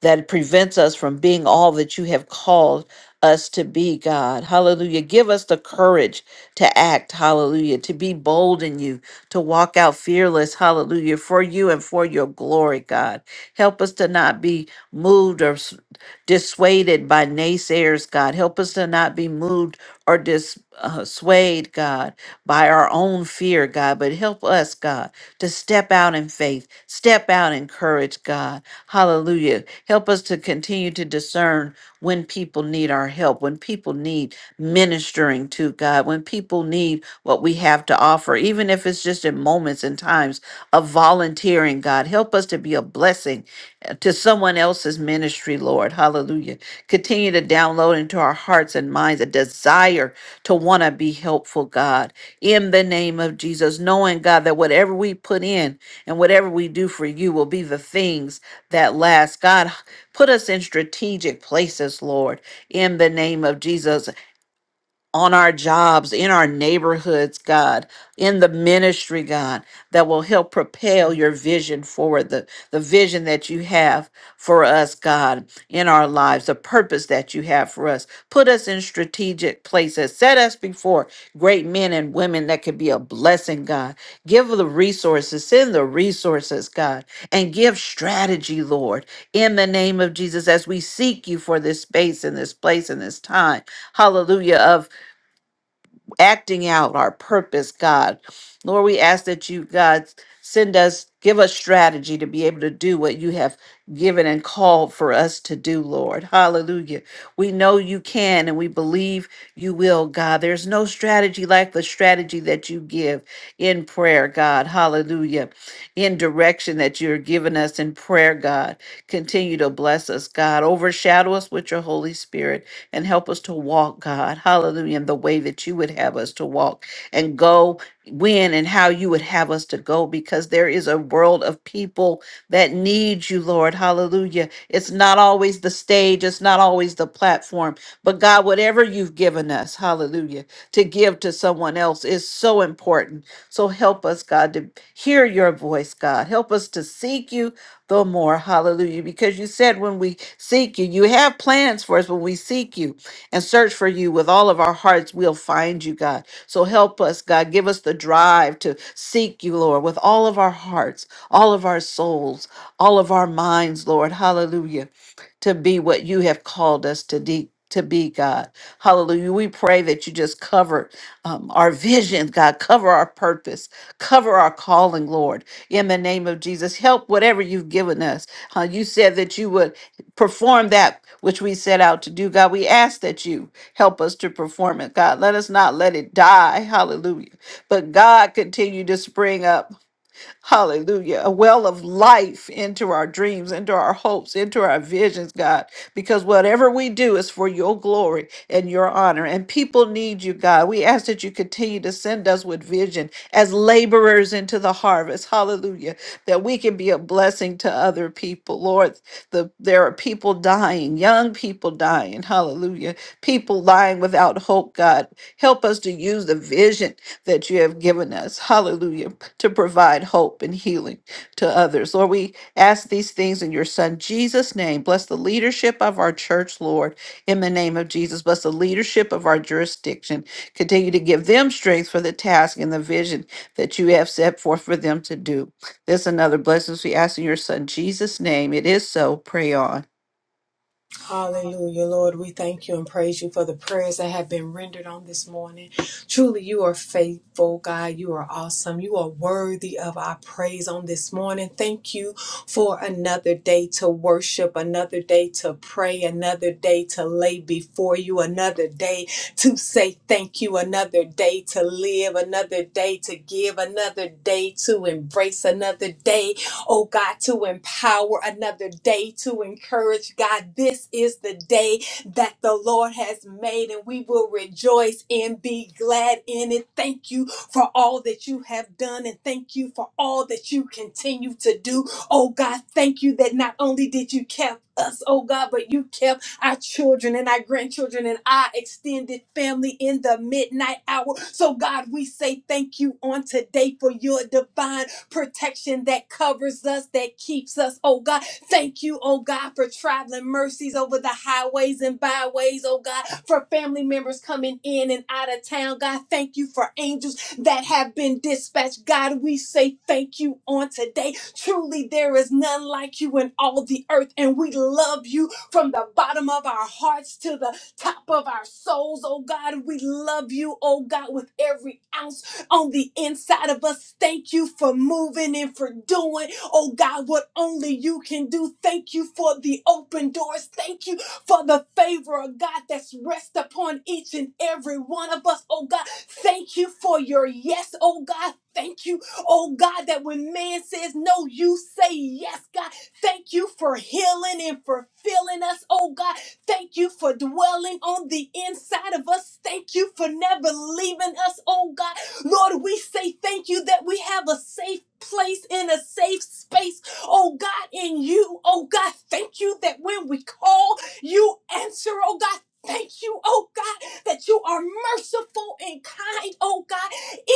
E: that prevents us from being all that you have called us to be, God. Hallelujah. Give us the courage to act. Hallelujah. To be bold in you, to walk out fearless. Hallelujah. For you and for your glory, God. Help us to not be moved or s- dissuaded by naysayers, God. Help us to not be moved or dissuaded, uh, swayed, God by our own fear, God, but help us, God, to step out in faith, step out in courage, God. Hallelujah. Help us to continue to discern when people need our help, when people need ministering to, God, when people need what we have to offer, even if it's just in moments and times of volunteering, God. Help us to be a blessing to someone else's ministry, Lord. Hallelujah. Continue to download into our hearts and minds a desire to want to be helpful, God, in the name of Jesus, knowing, God, that whatever we put in and whatever we do for you will be the things that last. God, put us in strategic places, Lord, in the name of Jesus on our jobs, in our neighborhoods, God, in the ministry, God, that will help propel your vision forward, the, the vision that you have for us, God, in our lives, the purpose that you have for us. Put us in strategic places. Set us before great men and women that could be a blessing, God. Give the resources, send the resources, God, and give strategy, Lord, in the name of Jesus, as we seek you for this space and this place and this time hallelujah, acting out our purpose, God. Lord, we ask that you, God, send us, give us strategy to be able to do what you have given and called for us to do, Lord. Hallelujah. We know you can and we believe you will, God. There's no strategy like the strategy that you give in prayer, God. Hallelujah. In direction that you're giving us in prayer, God. Continue to bless us, God. Overshadow us with your Holy Spirit and help us to walk, God. Hallelujah. In the way that you would have us to walk and go when and how you would have us to go because there is a world of people that need you, Lord. Hallelujah. It's not always the stage, it's not always the platform, but God, whatever you've given us, hallelujah, to give to someone else is so important. So help us, God, to hear your voice, God. Help us to seek you the more. Hallelujah. Because you said when we seek you, you have plans for us when we seek you and search for you with all of our hearts, we'll find you, God. So help us, God. Give us the drive to seek you, Lord, with all of our hearts, all of our souls, all of our minds, Lord. Hallelujah to be what you have called us to de- to be, God. Hallelujah. We pray that you just cover um, our vision, God, cover our purpose, cover our calling, Lord, in the name of Jesus. Help whatever you've given us. Uh, you said that you would perform that which we set out to do, God. We ask that you help us to perform it, God. Let us not let it die. Hallelujah. But God, continue to spring up. Hallelujah. A well of life into our dreams, into our hopes, into our visions, God, because whatever we do is for your glory and your honor. And people need you, God. We ask that you continue to send us with vision as laborers into the harvest. Hallelujah. That we can be a blessing to other people. Lord, the, there are people dying, young people dying. Hallelujah. People lying without hope, God. Help us to use the vision that you have given us. Hallelujah. To provide hope and healing to others. Lord, we ask these things in your son Jesus' name. Bless the leadership of our church, Lord, in the name of Jesus. Bless the leadership of our jurisdiction. Continue to give them strength for the task and the vision that you have set forth for them to do. This and other blessings we ask in your son Jesus' name. It is so. Pray on.
F: Hallelujah, Lord. We thank you and praise you for the prayers that have been rendered on this morning. Truly, you are faithful, God. You are awesome. You are worthy of our praise on this morning. Thank you for another day to worship, another day to pray, another day to lay before you, another day to say thank you, another day to live, another day to give, another day to embrace, another day oh God, to empower another day to encourage. God, this is the day that the Lord has made, and we will rejoice and be glad in it. Thank you for all that you have done, and thank you for all that you continue to do. Oh God, thank you that not only did you keep us, oh God, but you kept our children and our grandchildren and our extended family in the midnight hour. So, God, we say thank you on today for your divine protection that covers us, that keeps us, oh God. Thank you, oh God, for traveling mercies over the highways and byways, oh God, for family members coming in and out of town, God. Thank you for angels that have been dispatched, God. We say thank you on today. Truly, there is none like you in all the earth, and we love you from the bottom of our hearts to the top of our souls, oh God. We love you, oh God, with every ounce on the inside of us. Thank you for moving and for doing, oh God, what only you can do. Thank you for the open doors. Thank you for the favor of God that's rest upon each and every one of us, oh God. Thank you for your yes, oh God. Thank you, oh God, that when man says no, you say yes, God. Thank you for healing and for filling us, oh God. Thank you for dwelling on the inside of us. Thank you for never leaving us, oh God. Lord, we say thank you that we have a safe place in a safe space. Oh God, in you. Oh God, thank you that when we call, you answer. Oh God, thank you. Oh God, that you are merciful and kind. Oh God,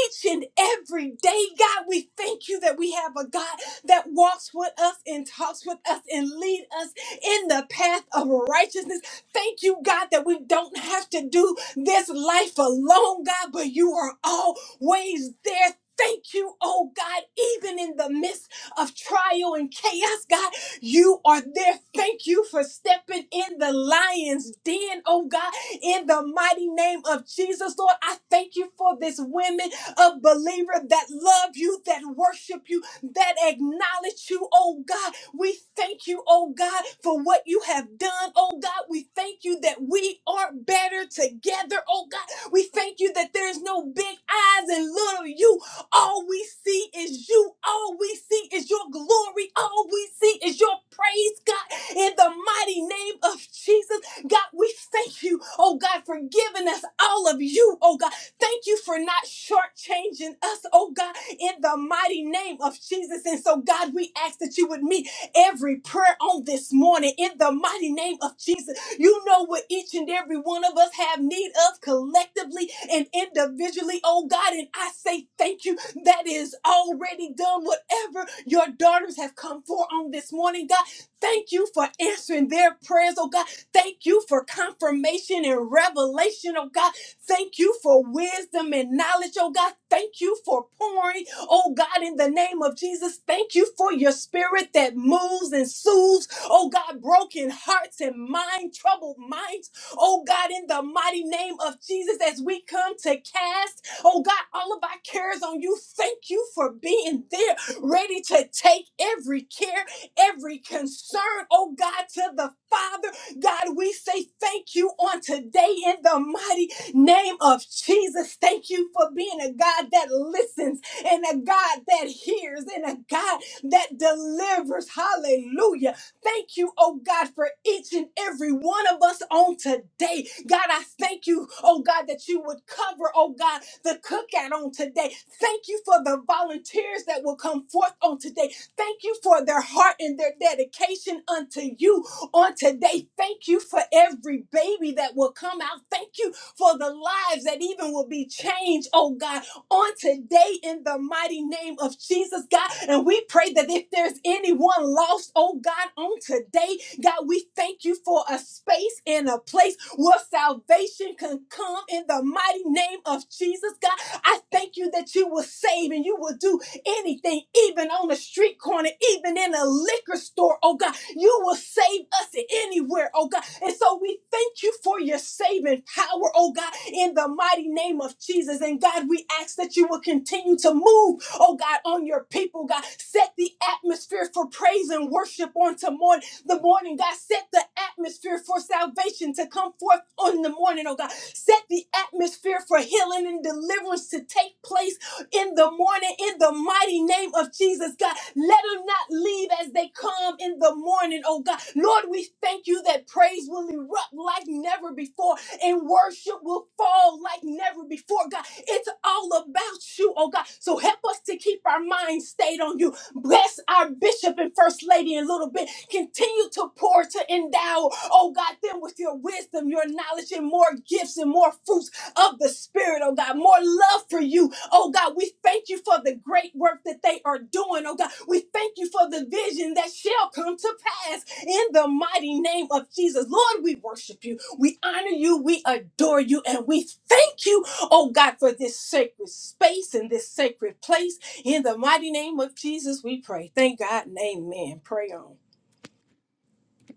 F: each and every day, God, we thank you that we have a God that walks with us and talks with us and lead us in the path of righteousness. Thank you, God, that we don't have to do this life alone, God, but you are always ways there. Thank you, oh God, even in the midst of trial and chaos, God, you are there. Thank you for stepping in the lion's den, oh God, in the mighty name of Jesus, Lord. I thank you for this women of believer that love you, that worship you, that acknowledge you, oh God. We thank you, oh God, for what you have done, oh God. We thank you that we are better together, oh God. We thank you that there's no big eyes and little you. All we see is you. All we see is your glory. All we see is your praise, God, in the mighty name of Jesus. God, we thank you, oh God, for giving us all of you, oh God. Thank you for not shortchanging us, oh God, in the mighty name of Jesus. And so, God, we ask that you would meet every prayer on this morning in the mighty name of Jesus. You know what each and every one of us have need of collectively and individually, oh God. And I say thank you. That is already done. Whatever your daughters have come for on this morning, God, thank you for answering their prayers, oh God. Thank you for confirmation and revelation, oh God. Thank you for wisdom and knowledge, oh God. Thank you for pouring, oh God, in the name of Jesus. Thank you for your spirit that moves and soothes Oh God, broken hearts and mind troubled minds. Oh God, in the mighty name of Jesus, as we come to cast, oh God, all of our cares on you. Thank you for being there, ready to take every care, every concern, oh God, to the Father. God, we say thank you on today in the mighty name of Jesus. Thank you for being a God that listens and a God that hears and a God that delivers. Hallelujah. Thank you, oh God, for each and every one of us on today. God, I thank you, oh God, that you would cover, oh God, the cookout on today. Thank you for the volunteers that will come forth on today. Thank you for their heart and their dedication unto you on today. Thank you for every baby that will come out. Thank you for the lives that even will be changed, oh God on today in the mighty name of Jesus, God. And we pray that if there's anyone lost, oh God, on today, God, we thank you for a space and a place where salvation can come in the mighty name of Jesus, God. I thank you that you will save and you will do anything, even on a street corner, even in a liquor store, oh God. You will save us anywhere, oh God. And so we thank you for your saving power, oh God, in the mighty name of Jesus. And God, we ask that you will continue to move, oh God, on your people, God. Set the atmosphere for praise and worship on tomorrow, the morning, God. Set the atmosphere for salvation to come forth on the morning, oh God. Set the atmosphere for healing and deliverance to take place in the morning in the mighty name of Jesus, God. Let them not leave as they come in the morning, oh God. Lord, we thank you that praise will erupt like never before and worship will fall like never before, God. It's all about you, oh God. So help us to keep our minds stayed on you. Bless our bishop and first lady in a little bit. Continue to pour, to endow, oh God, them with your wisdom, your knowledge, and more gifts and more fruits of the Spirit, oh God. More love for you, Oh God, we thank you for the great work that they are doing. Oh God, we thank you for the vision that shall come to pass in the mighty name of Jesus. Lord, we worship you. We honor you. We adore you. And we thank you, oh God, for this sacred space and this sacred place. In the mighty name of Jesus, we pray. Thank God and amen. Pray on.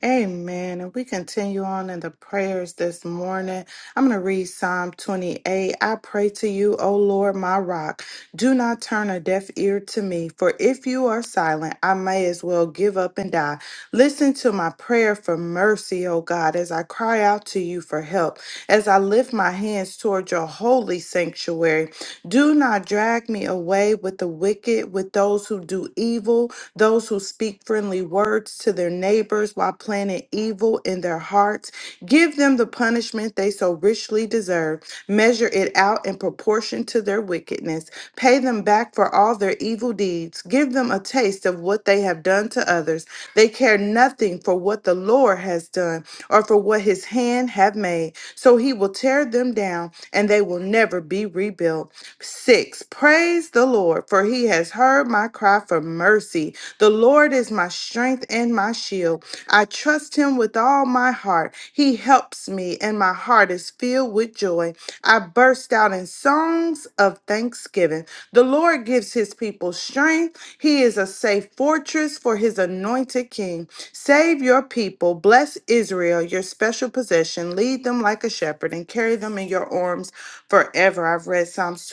G: Amen. And we continue on in the prayers this morning. I'm going to read Psalm 28. I pray to you, O Lord, my rock. Do not turn a deaf ear to me, for if you are silent, I may as well give up and die. Listen to my prayer for mercy, O God, as I cry out to you for help, as I lift my hands toward your holy sanctuary. Do not drag me away with the wicked, with those who do evil those who speak friendly words to their neighbors while planning evil in their hearts. Give them the punishment they so richly deserve. Measure it out in proportion to their wickedness. Pay them back for all their evil deeds. Give them a taste of what they have done to others. They care nothing for what the Lord has done or for what his hand have made. So he will tear them down and they will never be rebuilt. 6. Praise the Lord, for he has heard my cry for mercy. The Lord is my strength and my shield. I trust him with all my heart. He helps me, and my heart is filled with joy. I burst out in songs of thanksgiving. The Lord gives his people strength. He is a safe fortress for his anointed king. Save your people. Bless Israel, your special possession. Lead them like a shepherd and carry them in your arms forever. I've read Psalms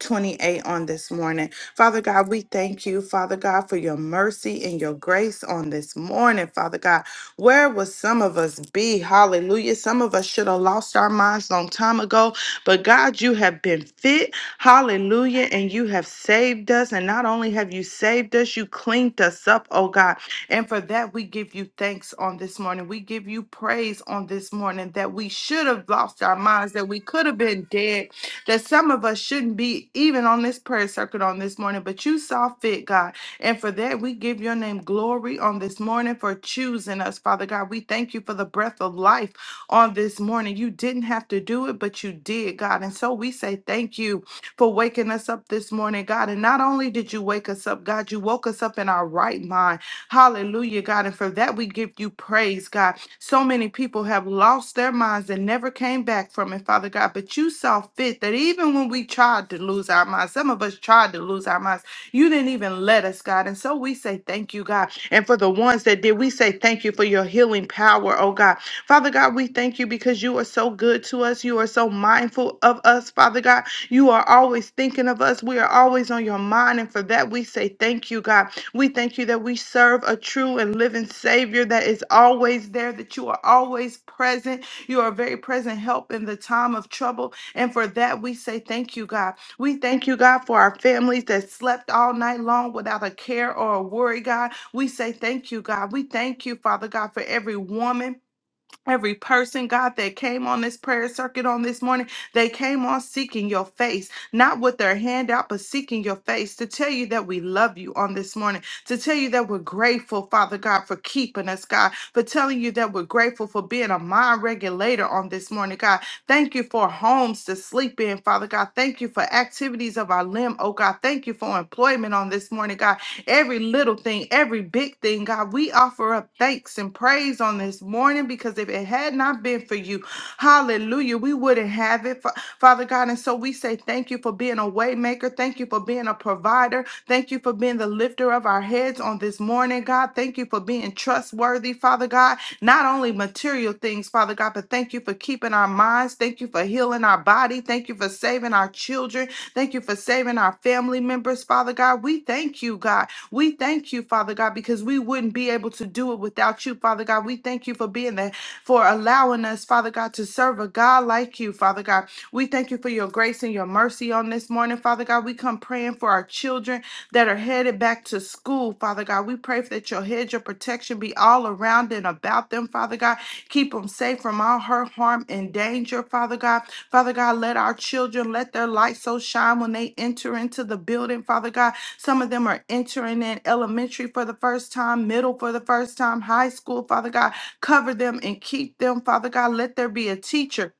G: 28 on this morning. Father God, we thank you, Father God, for your mercy and your grace on this morning, Father God. Where would some of us be? Hallelujah. Some of us should have lost our minds long time ago, but God, you have been fit. Hallelujah. And you have saved us. And not only have you saved us, you cleaned us up, oh God. And for that, we give you thanks on this morning. We give you praise on this morning that we should have lost our minds, that we could have been dead that some of us shouldn't be even on this prayer circuit on this morning, but you saw fit, God. And for that, we give your name glory on this morning for choosing us, Father God. We thank you for the breath of life on this morning. You didn't have to do it, but you did, God. And so we say thank you for waking us up this morning, God. And not only did you wake us up, God, you woke us up in our right mind. Hallelujah, God. And for that, we give you praise, God. So many people have lost their minds and never came back from it, Father God. But you saw fit that even when we tried to lose our minds, some of us tried to lose our minds, you didn't even let us, God. And so we say thank you, God. And for the ones that did, we say thank you for your healing power, oh God. Father God, we thank you because you are so good to us. You are so mindful of us, Father God. You are always thinking of us. We are always on your mind. And for that, we say thank you, God. We thank you that we serve a true and living Savior that is always there, that you are always present. You are a very present help in the time of trouble. And for that, we say thank you, God. We thank you, God, for our families that slept all night long without a care or a worry, God. We say thank you, God. We thank you, Father God, for every woman Every person, God, that came on this prayer circuit on this morning, they came on seeking your face, not with their hand out, but seeking your face to tell you that we love you on this morning, to tell you that we're grateful, Father God, for keeping us, God, for telling you that we're grateful for being a mind regulator on this morning, God. Thank you for homes to sleep in, Father God. Thank you for activities of our limb, oh God. Thank you for employment on this morning, God every little thing, every big thing, God. We offer up thanks and praise on this morning because if it had not been for you, hallelujah, we wouldn't have it, Fa- Father God. And so we say thank you for being a way maker. Thank you for being a provider. Thank you for being the lifter of our heads on this morning, God. Thank you for being trustworthy, Father God. Not only material things, Father God, but thank you for keeping our minds. Thank you for healing our body. Thank you for saving our children. Thank you for saving our family members, Father God. We thank you, God. We thank you, Father God, because we wouldn't be able to do it without you, Father God. We thank you for being there, for allowing us, Father God, to serve a God like you, Father God. We thank you for your grace and your mercy on this morning, Father God. We come praying for our children that are headed back to school, Father God. We pray that your hedge of protection be all around and about them, Father God. Keep them safe from all hurt, harm, and danger, Father God. Father God, let our children let their light so shine when they enter into the building, Father God. Some of them are entering in elementary for the first time, middle for the first time, high school, Father God. Cover them and keep them, Father God. Let there be a teacher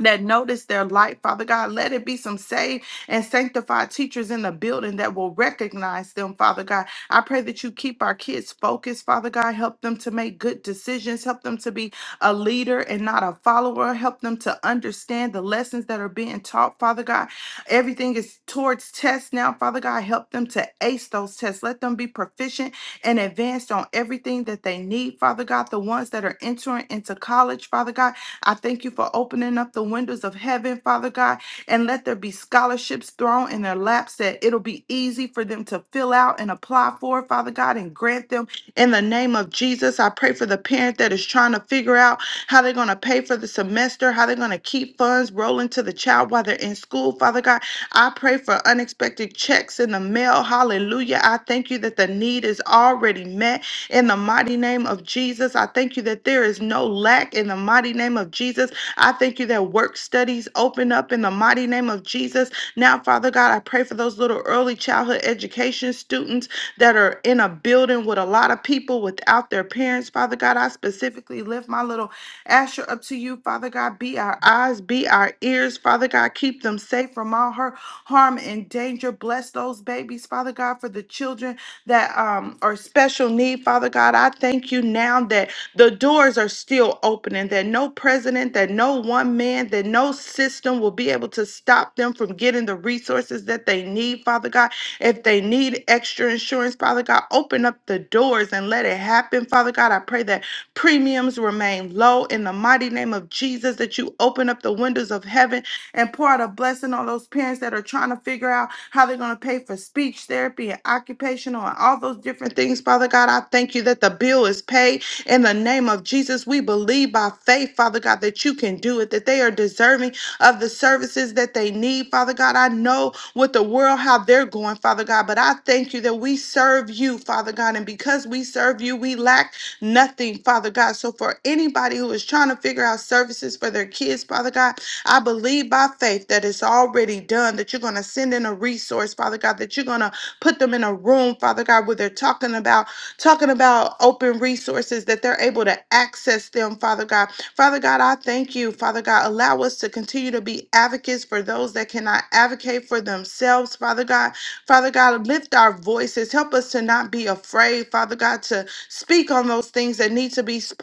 G: that notice their light, Father God. Let it be some saved and sanctified teachers in the building that will recognize them, Father God. I pray that you keep our kids focused, Father God. Help them to make good decisions. Help them to be a leader and not a follower. Help them to understand the lessons that are being taught, Father God. Everything is towards tests now, Father God. Help them to ace those tests. Let them be proficient and advanced on everything that they need, Father God. The ones that are entering into college, Father God. I thank you for opening up the windows of heaven, Father God, and let there be scholarships thrown in their laps that it'll be easy for them to fill out and apply for, Father God, and grant them in the name of Jesus. I pray for the parent that is trying to figure out how they're going to pay for the semester, how they're going to keep funds rolling to the child while they're in school, Father God. I pray for unexpected checks in the mail. Hallelujah. I thank you that the need is already met in the mighty name of Jesus. I thank you that there is no lack in the mighty name of Jesus. I thank you that work studies open up in the mighty name of Jesus. Now, Father God, I pray for those little early childhood education students that are in a building with a lot of people without their parents. Father God, I specifically lift my little Asher up to you, Father God. Be our eyes, be our ears, Father God. Keep them safe from all hurt, harm, and danger. Bless those babies, Father God, for the children that um are special need, Father God. I thank you now that the doors are still opening. that no president, that no one man, that no system will be able to stop them from getting the resources that they need, Father God. If they need extra insurance, Father God, open up the doors and let it happen, Father God. I pray that premiums remain low in the mighty name of Jesus, that you open up the windows of heaven and pour out a blessing on those parents that are trying to figure out how they're going to pay for speech therapy and occupational and all those different things, Father God. I thank you that the bill is paid in the name of Jesus. We believe by faith, Father God, that you can do it, that they are deserving of the services that they need, Father God. I know what the world, how they're going, Father God, but I thank you that we serve you, Father God, and because we serve you, we lack nothing, Father God. So for anybody who is trying to figure out services for their kids, Father God, I believe by faith that it's already done, that you're going to send in a resource, Father God, that you're going to put them in a room, Father God, where they're talking about talking about open resources that they're able to access them, Father God. Father God, I thank you, Father God. Allow us to continue to be advocates for those that cannot advocate for themselves, Father God. Father God, lift our voices. Help us to not be afraid, Father God, to speak on those things that need to be spoken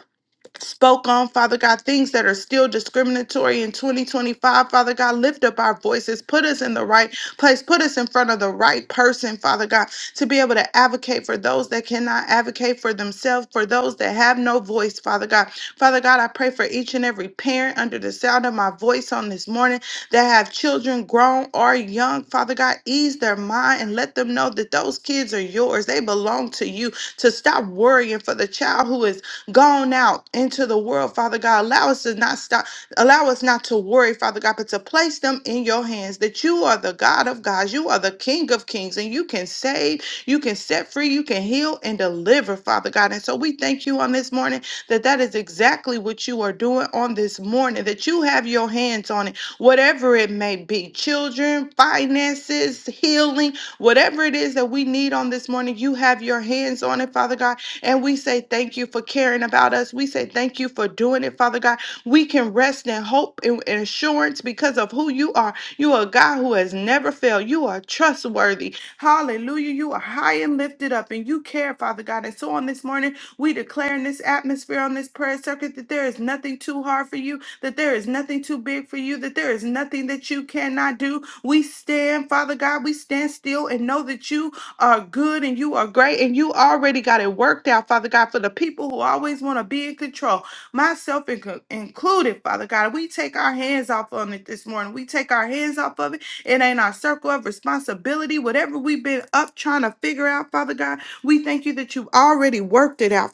G: spoke on, Father God, things that are still discriminatory in 2025. Father God, lift up our voices, put us in the right place, put us in front of the right person, Father God, to be able to advocate for those that cannot advocate for themselves, for those that have no voice, Father God. Father God, I pray for each and every parent under the sound of my voice on this morning that have children grown or young. Father God, ease their mind and let them know that those kids are yours. They belong to you. To stop worrying for the child who is gone out into the world, Father God. Allow us to not stop, allow us not to worry, Father God, but to place them in your hands that you are the God of gods, you are the King of kings, and you can save, you can set free, you can heal and deliver, Father God. And so we thank you on this morning that that is exactly what you are doing on this morning, that you have your hands on it, whatever it may be children, finances, healing, whatever it is that we need on this morning, you have your hands on it, Father God and we say thank you for caring about us. We say thank you for doing it, Father God. We can rest in hope and and assurance because of who you are. You are a God who has never failed. You are trustworthy. Hallelujah. You are high and lifted up and you care, Father God. And so on this morning, we declare in this atmosphere, on this prayer circuit, that there is nothing too hard for you, that there is nothing too big for you, that there is nothing that you cannot do. We stand, Father God, we stand still and know that you are good and you are great and you already got it worked out, Father God, for the people who always want to be in control, myself in- included, Father God. We take our hands off on it this morning. We take our hands off of it. It ain't our circle of responsibility. Whatever we've been up trying to figure out, Father God, we thank you that you've already worked it out,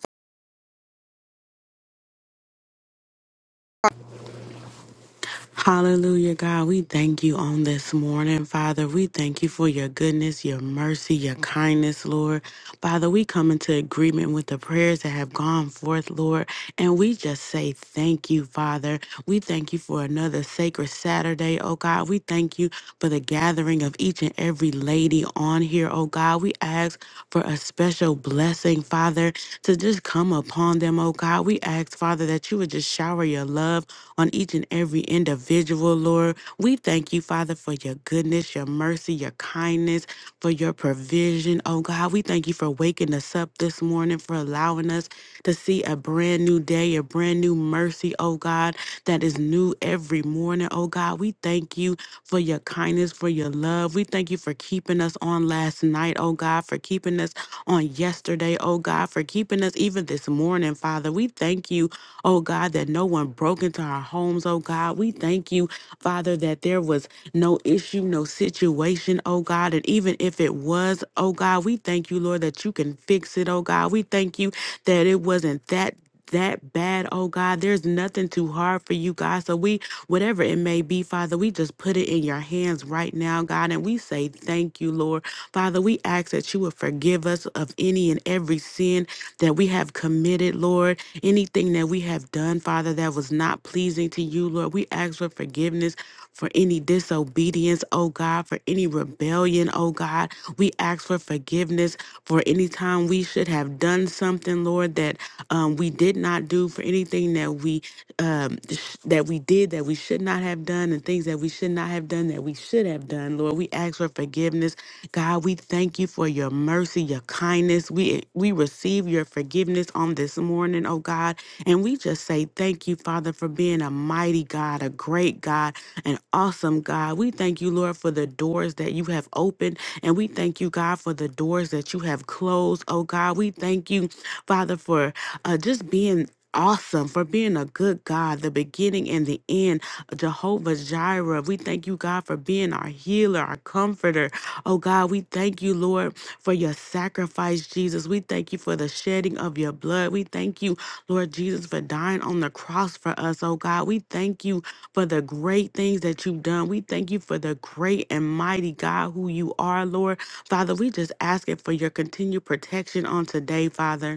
H: Hallelujah, God. We thank you on this morning, Father. We thank you for your goodness, your mercy, your kindness, Lord. Father, we come into agreement with the prayers that have gone forth, Lord, and we just say thank you, Father. We thank you for another sacred Saturday, oh God. We thank you for the gathering of each and every lady on here, oh God. We ask for a special blessing, Father, to just come upon them, oh God. We ask, Father, that you would just shower your love on each and every individual, Lord. We thank you, Father, for your goodness, your mercy, your kindness, for your provision. Oh God, we thank you for waking us up this morning, for allowing us to see a brand new day, a brand new mercy, oh God, that is new every morning. Oh God, we thank you for your kindness, for your love. We thank you for keeping us on last night, oh God, for keeping us on yesterday, oh God, for keeping us even this morning, Father. We thank you oh God, that no one broke into our homes, oh God. We thank you, Father, that there was no issue, no situation, oh God. And even if it was, oh God, we thank you, Lord, that you can fix it, oh God. We thank you that it wasn't that that bad, oh God. There's nothing too hard for you, God. So we, whatever it may be, Father, we just put it in your hands right now, God, and we say thank you, Lord. Father, we ask that you would forgive us of any and every sin that we have committed, Lord, anything that we have done, Father, that was not pleasing to you, Lord. We ask for forgiveness for any disobedience, oh God, for any rebellion, oh God. We ask for forgiveness for any time we should have done something, Lord, that um, we did not do, for anything that we um, sh- that we did that we should not have done, and things that we should not have done that we should have have done, Lord. We ask for forgiveness. God, we thank you for your mercy, your kindness. We we receive your forgiveness on this morning, oh God. And we just say thank you, Father, for being a mighty God, a great God, an awesome God. We thank you, Lord, for the doors that you have opened. And we thank you, God, for the doors that you have closed. Oh God, we thank you, Father, for uh, just being awesome for being a good God, the beginning and the end. Jehovah Jireh. We thank you, God, for being our healer, our comforter. Oh, God, we thank you, Lord, for your sacrifice, Jesus. We thank you for the shedding of your blood. We thank you, Lord Jesus, for dying on the cross for us. Oh, God, we thank you for the great things that you've done. We thank you for the great and mighty God who you are, Lord. Father, we just ask it for your continued protection on today, Father.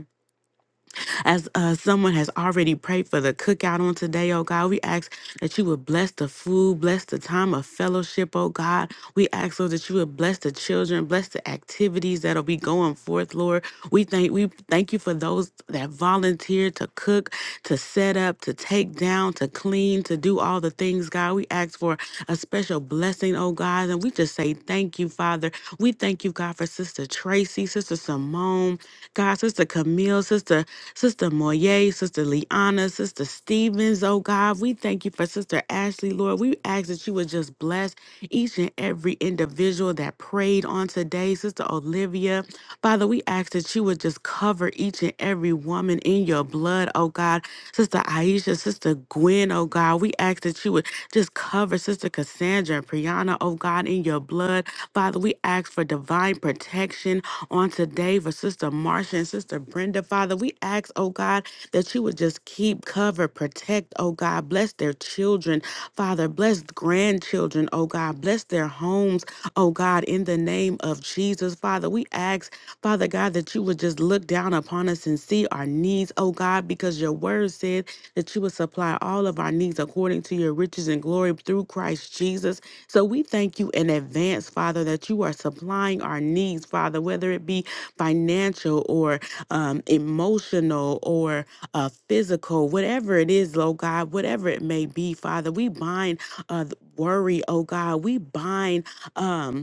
H: As uh, someone has already prayed for the cookout on today, oh God, we ask that you would bless the food, bless the time of fellowship, oh God. We ask, Lord, that you would bless the children, bless the activities that'll be going forth, Lord. We thank we thank you for those that volunteered to cook, to set up, to take down, to clean, to do all the things, God. We ask for a special blessing, oh God. And we just say thank you, Father. We thank you, God, for Sister Tracy, Sister Simone, God, Sister Camille, Sister Sister Moye, Sister Liana, Sister Stevens, oh God. We thank you for Sister Ashley, Lord. We ask that you would just bless each and every individual that prayed on today. Sister Olivia, Father, we ask that you would just cover each and every woman in your blood, oh God. Sister Aisha, Sister Gwen, oh God. We ask that you would just cover Sister Cassandra and Priyana, oh God, in your blood. Father, we ask for divine protection on today for Sister Marsha and Sister Brenda. Father, we ask, oh God, that you would just keep, cover, protect, oh God. Bless their children, Father. Bless grandchildren, oh God. Bless their homes, oh God, in the name of Jesus. Father, we ask, Father God, that you would just look down upon us and see our needs, oh God, because your word said that you would supply all of our needs according to your riches and glory through Christ Jesus. So we thank you in advance, Father, that you are supplying our needs, Father, whether it be financial or um, emotional or uh, physical, whatever it is, Lord God, whatever it may be, Father, we bind uh, worry, oh God, we bind. Um,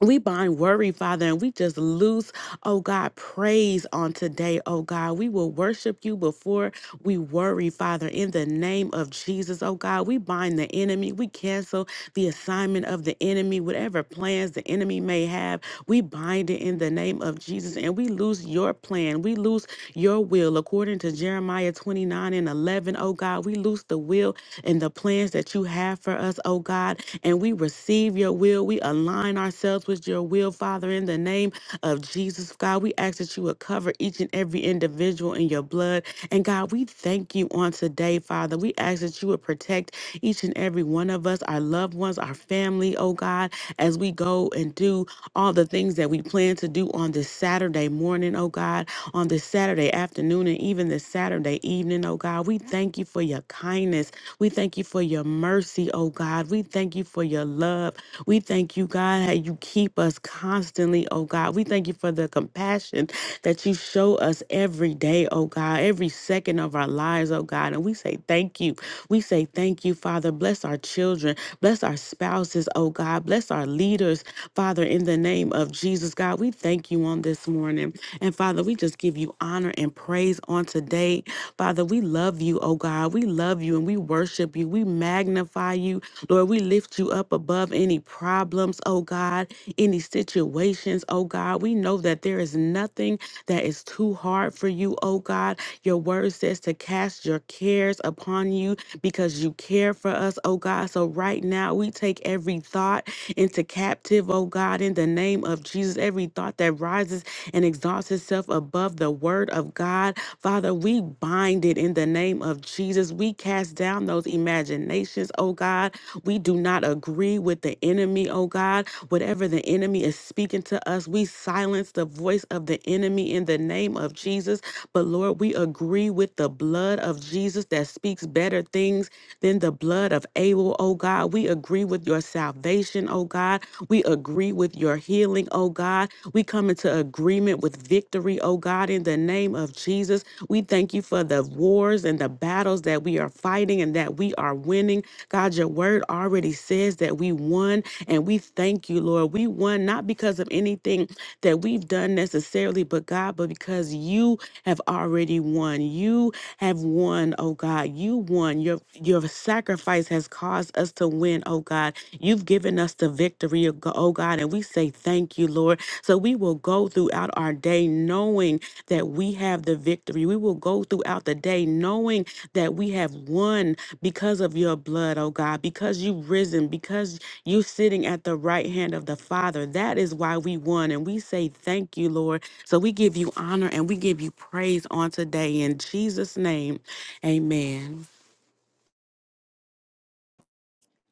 H: we bind worry, Father, and we just lose, oh God, praise on today, oh God. We will worship you before we worry, Father, in the name of Jesus, oh God. We bind the enemy. We cancel the assignment of the enemy, whatever plans the enemy may have. We bind it in the name of Jesus, and we lose your plan. We lose your will according to Jeremiah 29 and 11, oh God. We lose the will and the plans that you have for us, oh God. And we receive your will. We align ourselves with your will, Father, in the name of Jesus, God. We ask that you would cover each and every individual in your blood. And God, we thank you on today, Father. We ask that you would protect each and every one of us, our loved ones, our family, oh God, as we go and do all the things that we plan to do on this Saturday morning, oh God on this Saturday afternoon and even this Saturday evening, oh God. We thank you for your kindness. We thank you for your mercy, oh God. We thank you for your love. We thank you, God, how you keep us constantly, oh God. We thank you for the compassion that you show us every day, oh God, every second of our lives, oh God. And we say thank you. We say thank you, Father. Bless our children. Bless our spouses, oh God. Bless our leaders, Father, in the name of Jesus, God, we thank you on this morning. And Father, we just give you honor and praise on today. Father, we love you, oh God. We love you and we worship you. We magnify you. Lord, we lift you up above any problems, oh God, any situations, oh God. We know that there is nothing that is too hard for you, oh God. Your word says to cast your cares upon you because you care for for us, oh God. So right now, we take every thought into captive, oh God, in the name of Jesus. Every thought that rises and exalts itself above the word of God, Father, we bind it in the name of Jesus. We cast down those imaginations, oh God. We do not agree with the enemy, oh God. Whatever the enemy is speaking to us, we silence the voice of the enemy in the name of Jesus. But Lord, we agree agree with the blood of Jesus that speaks better things than the blood of Abel, oh God. We agree with your salvation, oh God. We agree with your healing, oh God. We come into agreement with victory, oh God, in the name of Jesus. We thank you for the wars and the battles that we are fighting and that we are winning. God, your word already says that we won, and we thank you, Lord. We won not because of anything that we've done necessarily, but God, but because you have already won. You have won, oh God. You won. Your your sacrifice has caused us to win, oh God. You've given us the victory, oh Go- oh God, and we say thank you, Lord. So we will go throughout our day knowing that we have the victory. We will go throughout the day knowing that we have won because of your blood, oh God, because you've risen, because you're sitting at the right hand of the Father. That is why we won. And we say thank you, Lord. So we give you honor and we give you praise on today in Jesus' name. Amen.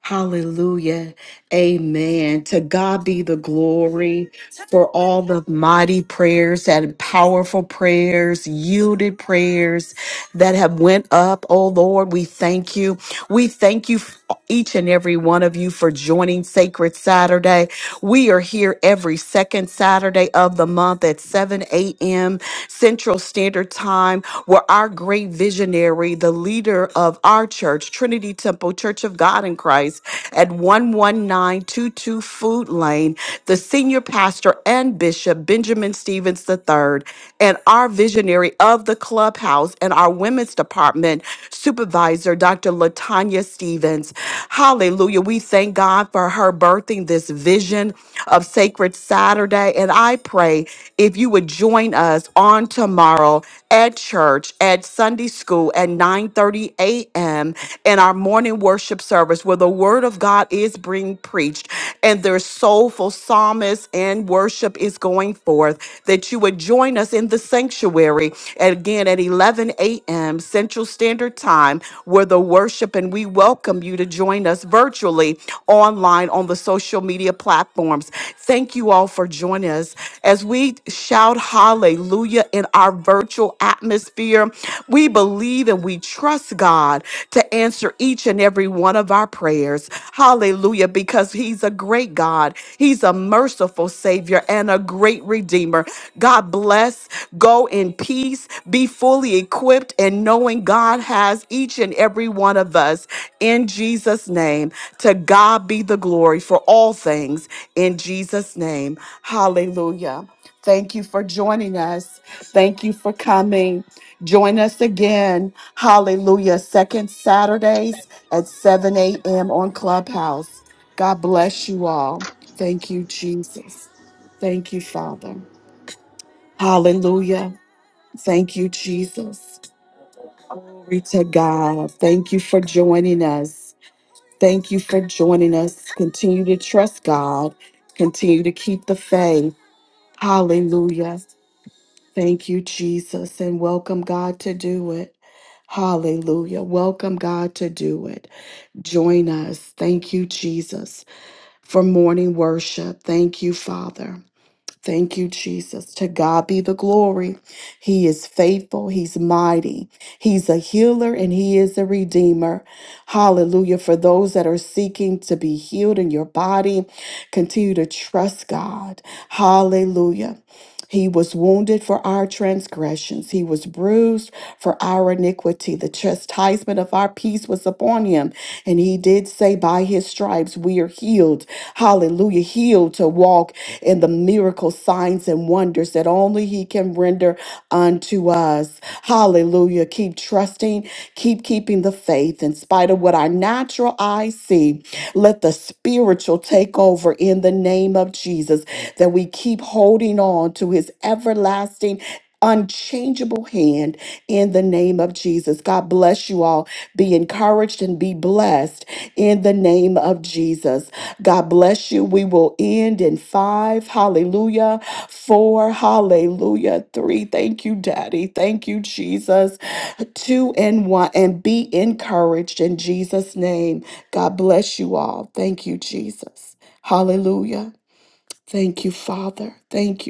A: Hallelujah. Amen. To God be the glory for all the mighty prayers and powerful prayers, yielded prayers that have went up. Oh Lord, we thank you. We thank you each and every one of you for joining Sacred Saturday. We are here every second Saturday of the month at 7 a.m. Central Standard Time where our great visionary, the leader of our church, Trinity Temple Church of God in Christ, at 11922 Food Lane, the senior pastor and bishop, Benjamin Stevens the third, and our visionary of the clubhouse and our women's department supervisor, Dr. Latanya Stevens. Hallelujah. We thank God for her birthing this vision of Sacred Saturday. And I pray if you would join us us on tomorrow at church at Sunday school at 9:30 a.m. in our morning worship service where the word of God is being preached and their soulful psalmists and worship is going forth that you would join us in the sanctuary and again at 11 a.m. Central Standard Time where the worship and we welcome you to join us virtually online on the social media platforms. Thank you all for joining us us as we shout hallelujah in our virtual atmosphere. We believe and we trust God to answer each and every one of our prayers. Hallelujah, because He's a great God, He's a merciful Savior and a great Redeemer. God bless. Go in peace. Be fully equipped and knowing God has each and every one of us in Jesus' name. To God be the glory for all things in Jesus' name. Hallelujah. Thank you for joining us. Thank you for coming. Join us again. Hallelujah. Second Saturdays at 7 a.m. on Clubhouse. God bless you all. Thank you, Jesus. Thank you, Father. Hallelujah. Thank you, Jesus. Glory to God. Thank you for joining us. Thank you for joining us. Continue to trust God. Continue to keep the faith. Hallelujah. Thank you, Jesus, and welcome God to do it. Hallelujah. Welcome God to do it. Join us. Thank you, Jesus, for morning worship. Thank you, Father. Thank you, Jesus. To God be the glory. He is faithful. He's mighty. He's a healer and he is a redeemer. Hallelujah. For those that are seeking to be healed in your body, continue to trust God. Hallelujah. He was wounded for our transgressions. He was bruised for our iniquity. The chastisement of our peace was upon him. And he did say, By his stripes we are healed. Hallelujah. Healed to walk and the miracle signs and wonders that only He can render unto us. Hallelujah. Keep trusting, keep keeping the faith in spite of what our natural eyes see. Let the spiritual take over in the name of Jesus, that we keep holding on to His everlasting. Unchangeable hand in the name of Jesus. God bless you all. Be encouraged and be blessed in the name of Jesus. God bless you. We will end in five. Hallelujah. Four. Hallelujah. Three. Thank you, Daddy. Thank you, Jesus. Two and one. And be encouraged in Jesus' name. God bless you all. Thank you, Jesus. Hallelujah. Thank you, Father. Thank you.